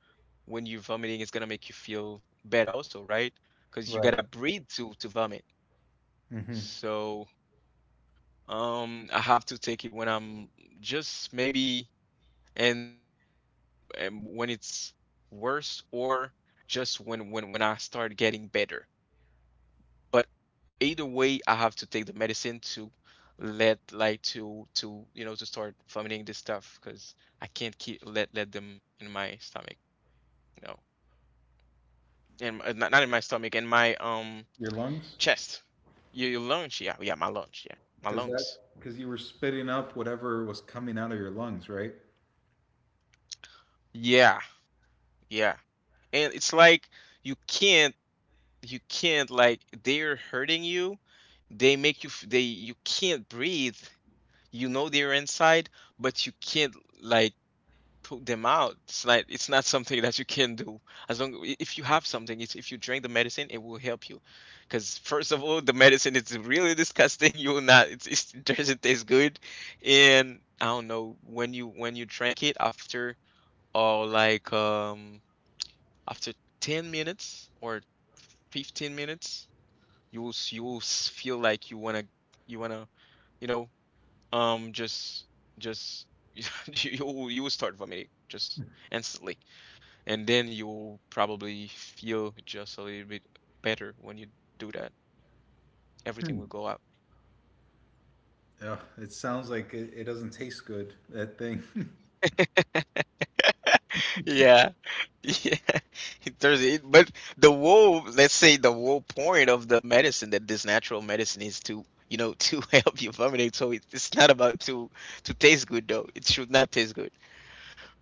Speaker 1: when you're vomiting, it's gonna make you feel bad also, right? Because you
Speaker 2: Right.
Speaker 1: gotta breathe to vomit.
Speaker 2: Hmm.
Speaker 1: So I have to take it when I'm just maybe, and um, and when it's worse, or just when when I start getting better. But either way I have to take the medicine to let, like to to start vomiting this stuff because I can't keep let them in my stomach, you know in my, not, not in my stomach, in my
Speaker 2: Your lungs,
Speaker 1: chest. Your lungs, yeah, yeah, my lungs, yeah, my
Speaker 2: because that
Speaker 1: lungs,
Speaker 2: because you were spitting up whatever was coming out of your lungs, right?
Speaker 1: yeah, yeah, and it's like you can't, you can't like, they're hurting you, they make you f- they you can't breathe, you know, they're inside, but you can't, like, put them out. It's like it's not something that you can do. As long if you have something, it's, if you drink the medicine, it will help you. Because first of all, the medicine is really disgusting. You will not. It's, it doesn't taste good. And I don't know when you, when you drank it after, or like after 10 minutes or 15 minutes, you will you will feel like you wanna, you wanna you know um, just just you you will start vomiting just instantly, and then you'll probably feel just a little bit better when you do that. Everything
Speaker 2: Hmm.
Speaker 1: will go out.
Speaker 2: Yeah, it sounds like it doesn't taste good. That thing.
Speaker 1: Yeah. Yeah. It does it, but the whole, let's say the whole point of the medicine, that this natural medicine is to, you know, to help you vomitate. So it, it's not about to taste good though. It should not taste good.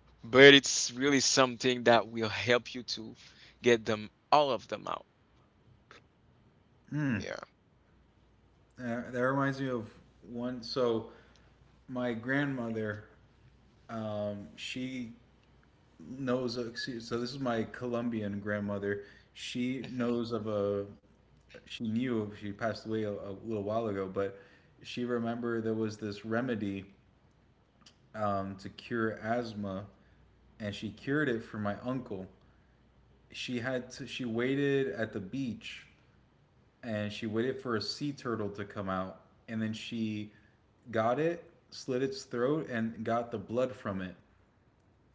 Speaker 1: But it's really something that will help you to get them, all of them, out.
Speaker 2: Hmm.
Speaker 1: Yeah.
Speaker 2: That reminds me of one. So my grandmother, she knows. So this is my Colombian grandmother. She
Speaker 1: Mhm.
Speaker 2: knows of a. She knew she passed away a little while ago, but she remembered there was this remedy to cure asthma, and she cured it for my uncle. She had to. She waited at the beach, and she waited for a sea turtle to come out, and then she got it, slit its throat, and got the blood from it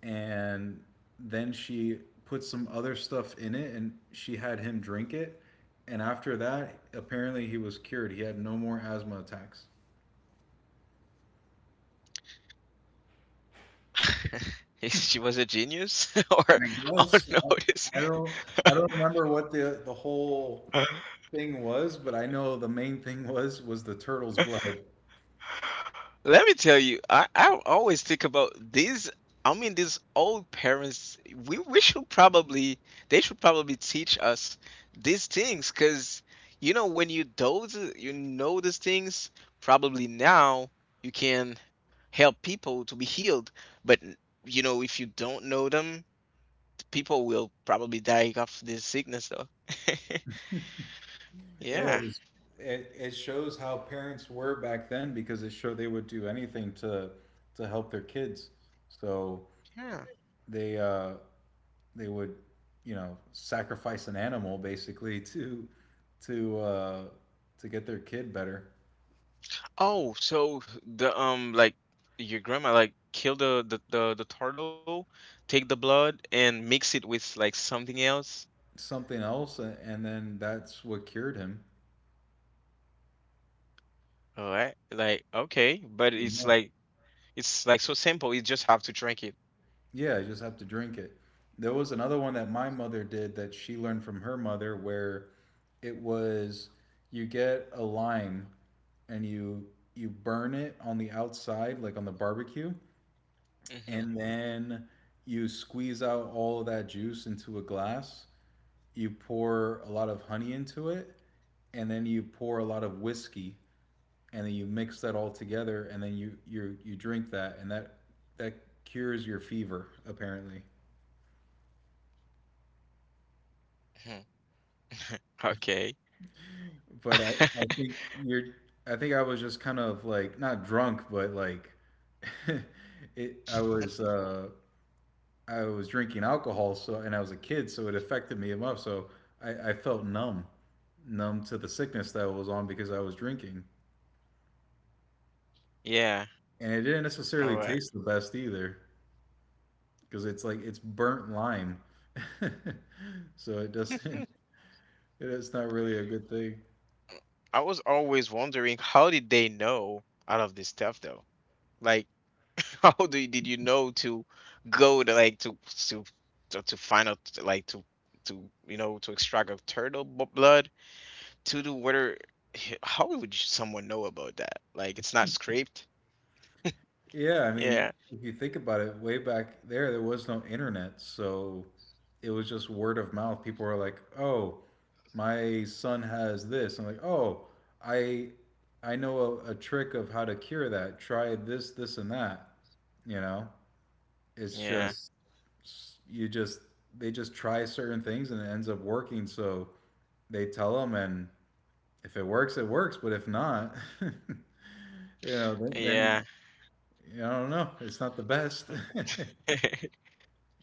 Speaker 2: and then she put some other stuff in it and she had him drink it, and after that, apparently he was cured. He had no more asthma attacks.
Speaker 1: Is she was a genius, or
Speaker 2: i guess
Speaker 1: unnoticed?
Speaker 2: i, I don't i don't remember what the whole thing was, but I know the main thing was the turtle's blood.
Speaker 1: Let me tell you, I always think about these. I mean, these old parents. We should probably, they should probably teach us these things because, you know, when you know these things, probably now you can help people to be healed. But you know, if you don't know them, people will probably die of this sickness though.
Speaker 2: yeah
Speaker 1: Yeah.
Speaker 2: it, was, it, it shows how parents were back then because it showed they would do anything to help their kids, so
Speaker 1: Yeah.
Speaker 2: they uh they would, you know, sacrifice an animal basically to to uh, to get their kid better.
Speaker 1: Oh, so the like, your grandma like kill the turtle, take the blood and mix it with like something else.
Speaker 2: Something else and then that's what cured him.
Speaker 1: All right. Like okay, but it's
Speaker 2: Yeah.
Speaker 1: like, it's like so simple. You just have to drink it.
Speaker 2: Yeah, you just have to drink it. There was another one that my mother did that she learned from her mother, where it was you get a lime and you burn it on the outside, like on the barbecue,
Speaker 1: Mm-hmm.
Speaker 2: and then you squeeze out all of that juice into a glass. You pour a lot of honey into it, and then you pour a lot of whiskey, and then you mix that all together, and then you drink that, and that cures your fever, apparently.
Speaker 1: Hmm. Okay.
Speaker 2: But I think you're I think I was just kind of like not drunk, but like it I was drinking alcohol, so, and I was a kid, so it affected me enough. So I felt numb, numb to the sickness that I was on because I was drinking.
Speaker 1: Yeah.
Speaker 2: And it didn't
Speaker 1: All
Speaker 2: necessarily
Speaker 1: right.
Speaker 2: taste the best either, because it's like it's burnt lime. So it
Speaker 1: Hmm.
Speaker 2: doesn't, it's not really a good thing.
Speaker 1: I was always wondering, how did they know all of this stuff though? Like, how do you, did you know to go to like to to to find out, like to to extract a turtle blood to the water? How would you, someone, know about that? Like, it's not scraped.
Speaker 2: Yeah, I mean,
Speaker 1: Yeah,
Speaker 2: if you think about it, way back there, there was no internet. So it was just word of mouth. People were like, oh, my son has this. I'm like, oh, I I know a trick of how to cure that. Try this, this, and that, you know? It's
Speaker 1: yeah,
Speaker 2: just you just they just try certain things and it ends up working. So they tell them, and if it works, it works. But if not, you know, then,
Speaker 1: yeah.
Speaker 2: then you know, I don't know. It's not the best,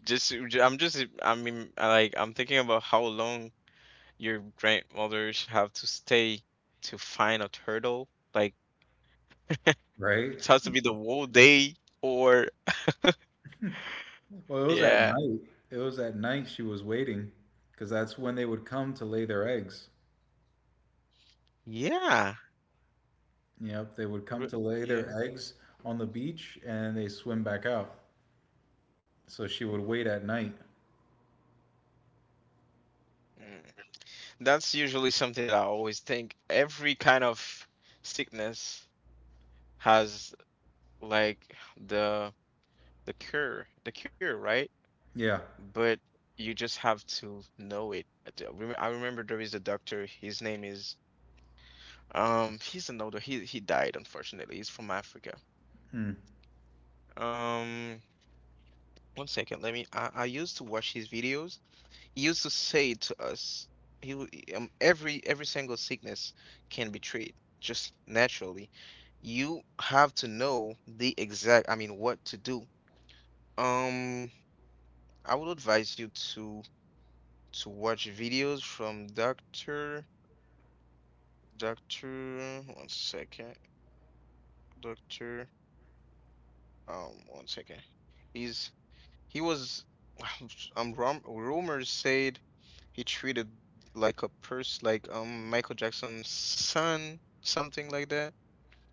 Speaker 1: Just ju- I'm just I mean I like I'm thinking about how long your grandmothers have to stay to find a turtle. Like,
Speaker 2: right?
Speaker 1: it has to be the whole day or
Speaker 2: Well, it was at
Speaker 1: yeah.
Speaker 2: night. It was at night she was waiting because that's when they would come to lay their eggs.
Speaker 1: Yeah.
Speaker 2: Yep, they would come
Speaker 1: Re-
Speaker 2: to lay
Speaker 1: Yeah.
Speaker 2: their eggs on the beach and they swim back out. So she would wait at night.
Speaker 1: Mm. That's usually something that I always think. Every kind of sickness has, like, the the cure, right?
Speaker 2: Yeah.
Speaker 1: But you just have to know it. I remember there is a doctor. His name is. He's an older. He died, unfortunately. He's from Africa.
Speaker 2: Hmm.
Speaker 1: Um. One second. Let me. I used to watch his videos. He used to say to us, he w- every single sickness can be treated just naturally. You have to know the exact, I mean, what to do. Um, I would advise you to watch videos from Doctor. One second, Doctor. One second. He's, He was, rumors said he treated like a person, like Michael Jackson's son, something like that.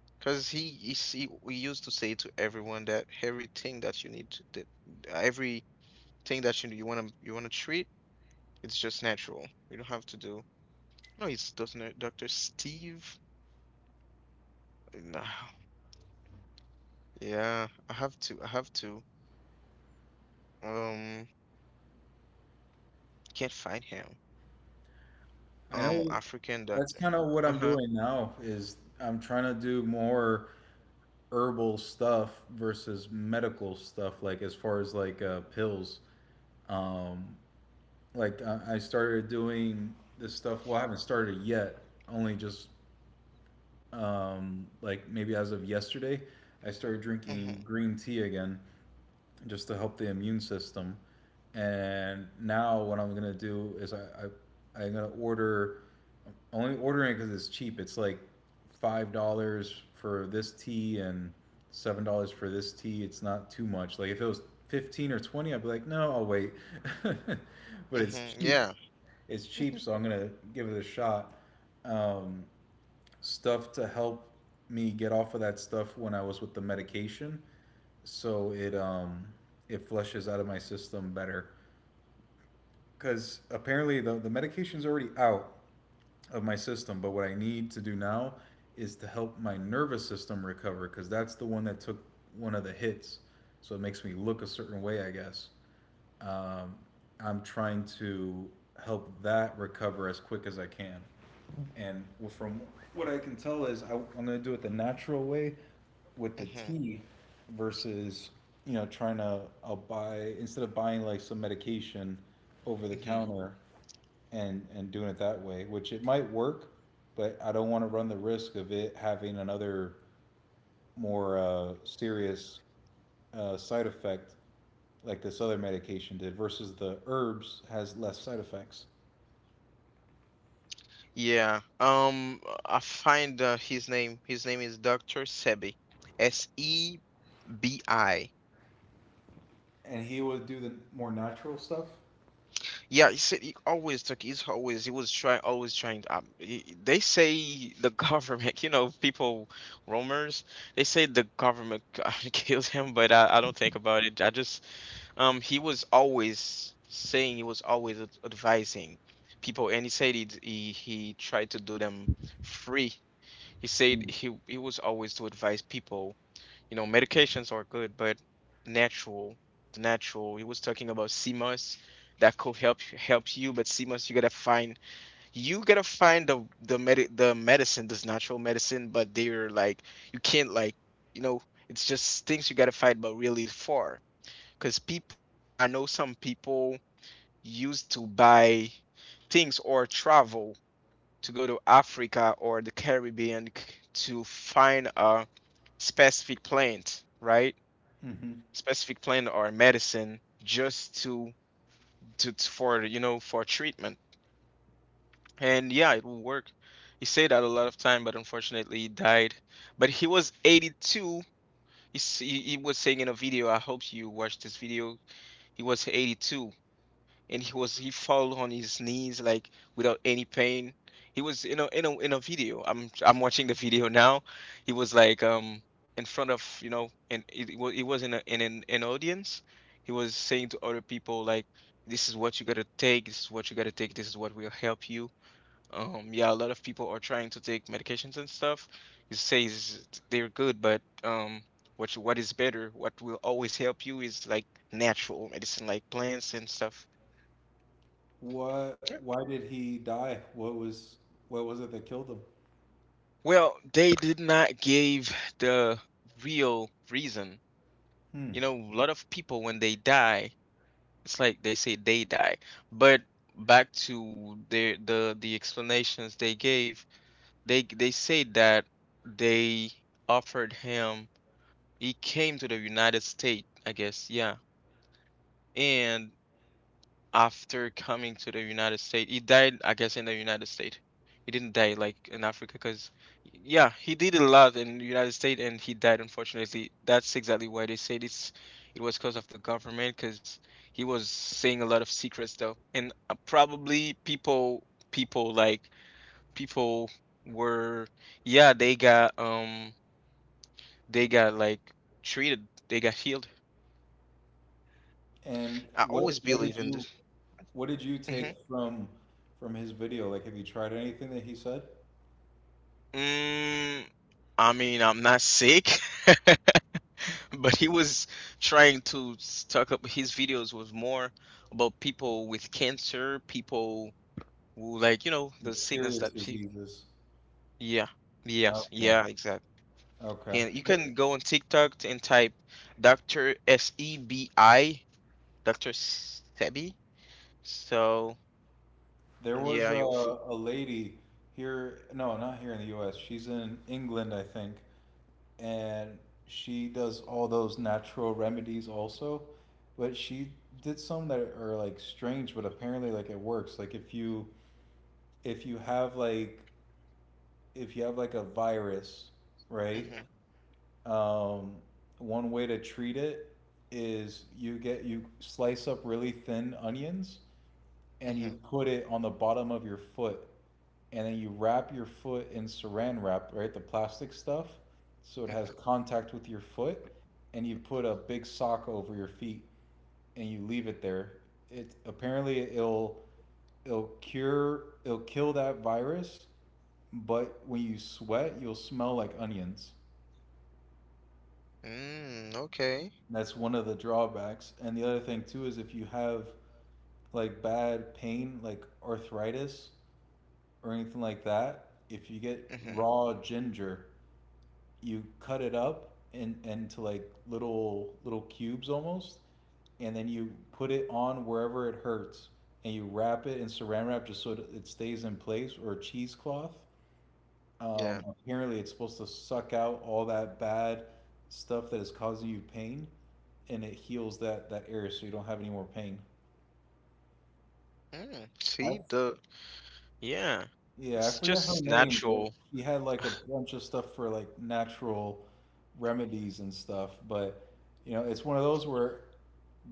Speaker 1: Cause he see, we used to say to everyone that everything that you need, to, that everything that you wanna treat, it's just natural. You don't have to do. No, it's Dr. Steve. No. Yeah, I have to. I have to. Um, can't find him.
Speaker 2: I know
Speaker 1: African doctor.
Speaker 2: that's kind of what I'm
Speaker 1: Uh-huh.
Speaker 2: doing now. Is I'm trying to do more herbal stuff versus medical stuff, like as far as like pills. Um, like I, I started doing this stuff. Well, I haven't started it yet, only just like maybe as of yesterday. I started
Speaker 1: Mm-hmm.
Speaker 2: drinking green tea again just to help the immune system. And now what I'm gonna do is I'm gonna order, only ordering because it's cheap. It's like $5 for this tea and $7 for this tea. It's not too much. Like if it was 15 or 20, I'd be like, no, I'll wait. But it's
Speaker 1: Mm-hmm.
Speaker 2: cheap.
Speaker 1: Yeah.
Speaker 2: It's cheap, so I'm gonna give it a shot. Um, Stuff to help me get off of that stuff when I was with the medication, so it it flushes out of my system better. Because apparently the medication's already out of my system. But what I need to do now is to help my nervous system recover, because that's the one that took one of the hits. So it makes me look a certain way, I guess. Um, I'm trying to help that recover as quick as I can. And from what I can tell is I, I'm going to do it the natural way with the
Speaker 1: Mm-hmm.
Speaker 2: tea versus you know trying to I'll buy, instead of buying like some medication over the
Speaker 1: Hmm.
Speaker 2: counter and doing it that way, which it might work, but I don't want to run the risk of it having another more serious side effect like this other medication did. Versus the herbs has less side effects,
Speaker 1: Yeah. I find his name. His name is Dr. Sebi. S E B I.
Speaker 2: and he would do the more natural stuff.
Speaker 1: Yeah, he said he always took. He's always, he was trying, always trying. He, they say the government. You know, people, rumors. They say the government killed him, but I don't think about it. I just, um, he was always saying, he was always advising people, and he said he tried to do them free. He said he was always to advise people, you know, medications are good, but natural, the natural. He was talking about CMOS that could help you, but CMOS, you gotta find, you gotta find the medicine, this natural medicine, but they're like, you can't like, you know, it's just things you gotta fight but really far. Cause people, I know some people used to buy things or travel to go to Africa or the Caribbean to find a specific plant, right?
Speaker 2: Mm-hmm.
Speaker 1: Specific plant or medicine just to for, you know, for treatment. And yeah, it will work. He said that a lot of time, but unfortunately he died. But he was 82. He, he was saying in a video. I hope you watched this video. He was 82, and he fell on his knees like without any pain. He was, you know, in a video. I'm watching the video now. He was like in front of, you know, and it was, he was in an audience. He was saying to other people like, this is what you gotta take. This is what you gotta take. This is what will help you. Um, yeah, a lot of people are trying to take medications and stuff. He says they're good, but what you, what is better, what will always help you is like natural medicine, like plants and stuff.
Speaker 2: What? Why did he die? What was it that killed him?
Speaker 1: Well, they did not give the real reason.
Speaker 2: Hmm.
Speaker 1: You know, a lot of people when they die, it's like they say they die. But back to the explanations they gave, they say that they offered him. He came to the United States, I guess, yeah. And after coming to the United States, he died, I guess, in the United States. He didn't die like in Africa, because yeah, he did a lot in the United States, and he died, unfortunately. That's exactly why they said it was because of the government, because he was saying a lot of secrets though, and probably people like people were, yeah, they got they got treated, they got healed.
Speaker 2: And
Speaker 1: I
Speaker 2: what
Speaker 1: always
Speaker 2: what
Speaker 1: believe
Speaker 2: did
Speaker 1: in this.
Speaker 2: you what did you
Speaker 1: Mm-hmm.
Speaker 2: take from his video? Like, have you tried anything that he said?
Speaker 1: Mm, I mean, I'm not sick, but he was trying to talk up his videos, was more about people with cancer, people who, like, you know, the sickness
Speaker 2: Serious
Speaker 1: that he,
Speaker 2: diseases.
Speaker 1: yeah, yes,
Speaker 2: Okay.
Speaker 1: yeah, exactly.
Speaker 2: Okay.
Speaker 1: And you can go on TikTok and type Dr. Sebi, Dr. Sebi. So,
Speaker 2: There was
Speaker 1: yeah,
Speaker 2: a,
Speaker 1: you'll,
Speaker 2: a lady here, no, not here in the US. She's in England, I think, and she does all those natural remedies also. But she did some that are like strange, but apparently like it works. Like if you if you have like if you have like a virus, right?
Speaker 1: mm-hmm,
Speaker 2: Um, One way to treat it is you get you slice up really thin onions and you
Speaker 1: hmm
Speaker 2: put it on the bottom of your foot and then you wrap your foot in saran wrap, right? The plastic stuff. So it has
Speaker 1: hmm.
Speaker 2: contact with your foot, and you put a big sock over your feet, and you leave it there. It apparently it'll cure, it'll kill that virus, but when you sweat, you'll smell like onions.
Speaker 1: Mm, okay.
Speaker 2: That's one of the drawbacks. And the other thing too is if you have like bad pain, like arthritis or anything like that, if you get
Speaker 1: Hmm.
Speaker 2: raw ginger, you cut it up in, into like little little cubes almost, and then you put it on wherever it hurts, and you wrap it in saran wrap just so that it stays in place, or a cheesecloth.
Speaker 1: Yeah.
Speaker 2: Apparently, it's supposed to suck out all that bad stuff that is causing you pain, and it heals that area so you don't have any more pain.
Speaker 1: Mm, see
Speaker 2: I've
Speaker 1: the, yeah.
Speaker 2: Yeah, I
Speaker 1: It's
Speaker 2: forget her
Speaker 1: just
Speaker 2: name, but
Speaker 1: natural.
Speaker 2: she had like a bunch of stuff for like natural remedies and stuff. But you know, it's one of those where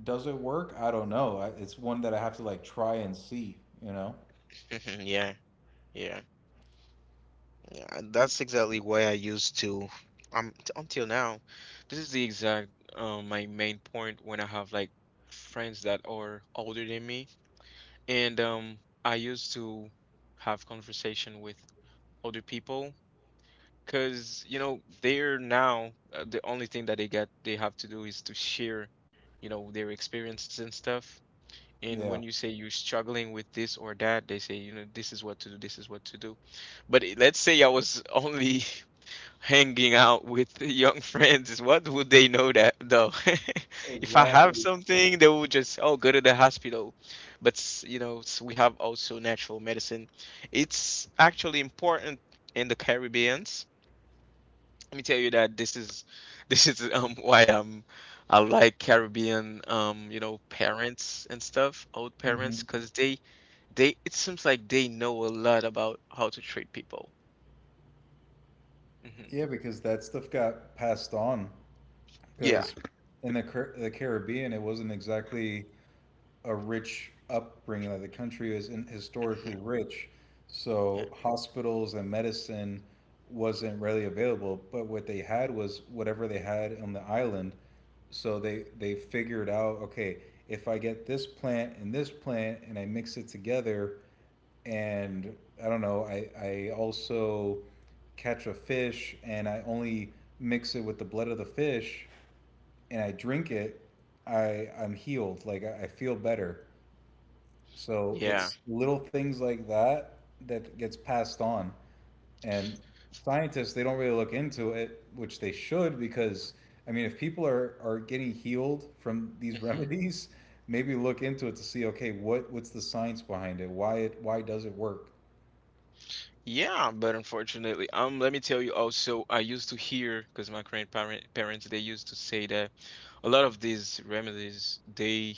Speaker 2: does it work? I don't know. It's one that I have to like try and see, you know?
Speaker 1: Mhm. Yeah. Yeah. Yeah, and that's exactly why I used to, until now. This is the exact, my main point, when I have like friends that are older than me, and I used to have conversation with older people, because, you know, they're now, the only thing that they get they have to do is to share, you know, their experiences and stuff. And
Speaker 2: Yeah,
Speaker 1: when you say you're struggling with this or that, they say, you know, this is what to do, this is what to do. But let's say I was only hanging out with the young friends, what would they know that though? If I have
Speaker 2: exactly.
Speaker 1: something, they will just, oh, go to the hospital. But, you know, we have also natural medicine. It's actually important in the Caribbean. Let me tell you that this is this is why I'm, I like Caribbean, you know, parents and stuff, old parents,
Speaker 2: Hmm.
Speaker 1: because they it seems like they know a lot about how to treat people. Hmm.
Speaker 2: Yeah, because that stuff got passed on,
Speaker 1: Yeah.
Speaker 2: because in the Caribbean, it wasn't exactly a rich upbringing. Like the country is in, historically
Speaker 1: Hmm.
Speaker 2: rich,
Speaker 1: Yeah.
Speaker 2: so hospitals and medicine wasn't readily available. But what they had was whatever they had on the island. So they figured out, okay, if I get this plant and I mix it together, and I don't know, I also catch a fish and I only mix it with the blood of the fish and I drink it, I'm healed. Like I feel better. So
Speaker 1: Yeah.
Speaker 2: it's little things like that that gets passed on. And scientists, they don't really look into it, which they should, because I mean, if people are getting healed from these
Speaker 1: Hmm.
Speaker 2: remedies, maybe look into it to see, okay, what's the science behind it? Why it, why does it work?
Speaker 1: Yeah, but unfortunately, let me tell you also, I used to hear, because my grandparent parents they used to say that a lot of these remedies, they,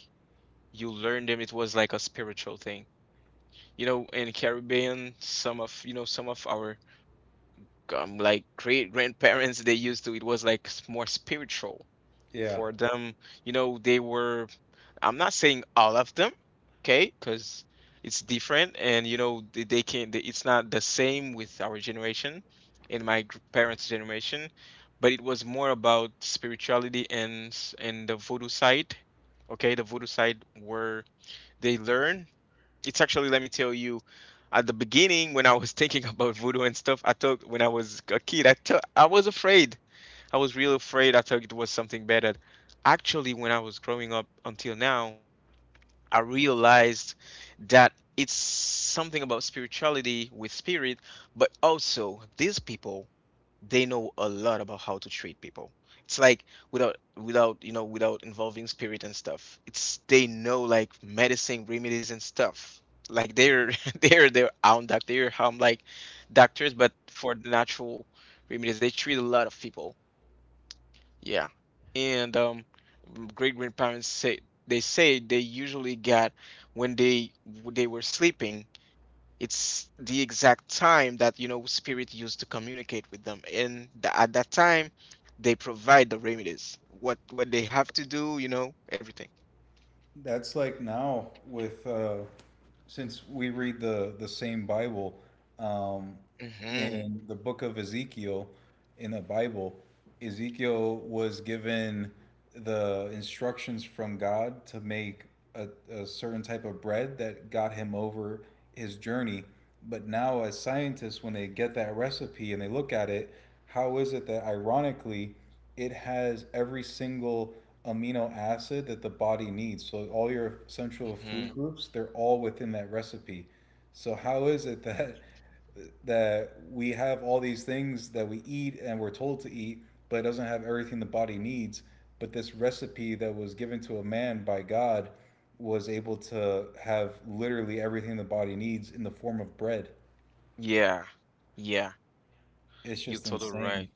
Speaker 1: you learn them. It was like a spiritual thing. You know, in Caribbean, some of, you know, some of our, like great grandparents, they used to, it was like more spiritual
Speaker 2: Yeah.
Speaker 1: for them. You know, they were, I'm not saying all of them, okay, because it's different, and you know they can, it's not the same with our generation and my parents' generation. But it was more about spirituality and and the voodoo side, okay, the voodoo side where they learn. It's actually, let me tell you, at the beginning, when I was thinking about voodoo and stuff, I thought, when I was a kid, I thought I was afraid, I was real afraid, I thought it was something better. Actually, when I was growing up until now, I realized that it's something about spirituality, with spirit, but also these people, they know a lot about how to treat people. It's like without you know, without involving spirit and stuff. It's, they know like medicine, remedies and stuff. Like they're they're their own doctor. They're like doctors, but for the natural remedies, they treat a lot of people. Yeah, and great grandparents say, they say they usually got, when they were sleeping, it's the exact time that, you know, spirit used to communicate with them. And at that time, they provide the remedies, what they have to do, you know, everything.
Speaker 2: That's like now with since we read the same Bible, um,
Speaker 1: Hmm.
Speaker 2: in the book of Ezekiel in the Bible, Ezekiel was given the instructions from God to make a certain type of bread that got him over his journey. But now, as scientists, when they get that recipe and they look at it, how is it that ironically it has every single amino acid that the body needs. So all your essential
Speaker 1: Hmm.
Speaker 2: food groups, they're all within that recipe. So how is it that we have all these things that we eat and we're told to eat, but it doesn't have everything the body needs? But this recipe that was given to a man by God was able to have literally everything the body needs in the form of bread.
Speaker 1: Yeah. Yeah.
Speaker 2: It's
Speaker 1: You're
Speaker 2: just
Speaker 1: totally
Speaker 2: insane.
Speaker 1: right.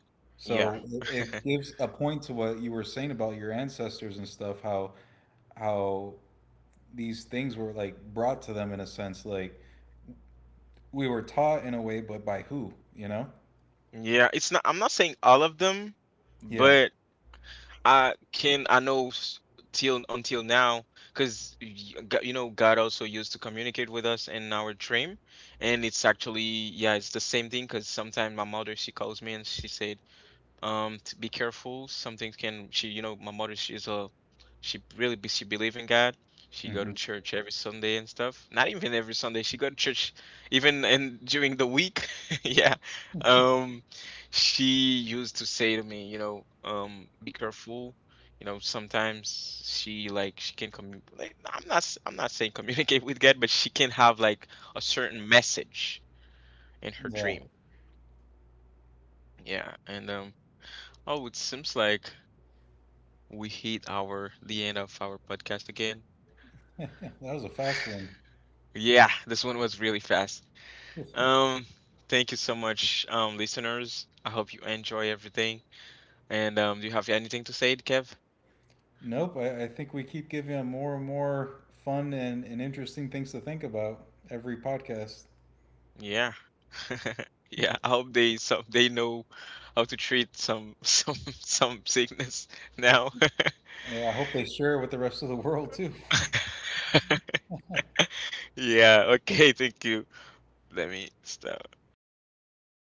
Speaker 1: Yeah.
Speaker 2: So it gives a point to what you were saying about your ancestors and stuff, how how these things were like brought to them in a sense, like we were taught in a way, but by who, you know?
Speaker 1: Yeah. It's not, I'm not saying all of them,
Speaker 2: Yeah.
Speaker 1: but. I can, till until now, because you know God also used to communicate with us in our dream, and it's actually, yeah, it's the same thing, because sometimes my mother, she calls me and she said, to be careful, some things can she, you know, my mother, she's a she really be, she believe in God, she go to
Speaker 2: Hmm.
Speaker 1: church every Sunday and stuff, not even every Sunday she go to church, even and during the week, yeah, um she used to say to me, you know, be careful, you know, sometimes she like, she can commu like, nah, I'm not I'm not saying communicate with God, but she can have like a certain message in her
Speaker 2: Yeah.
Speaker 1: dream, yeah, and oh, it seems like we hit our the end of our podcast again.
Speaker 2: That was a fast one.
Speaker 1: Yeah, this one was really fast. Um, thank you so much, listeners. I hope you enjoy everything. And do you have anything to say, Kev?
Speaker 2: Nope, I think we keep giving them more and more fun and interesting things to think about every podcast.
Speaker 1: Yeah. Yeah, I hope they some they know how to treat some some sickness now.
Speaker 2: Yeah, I hope they share it with the rest of the world too.
Speaker 1: Yeah, okay, thank you. Let me stop.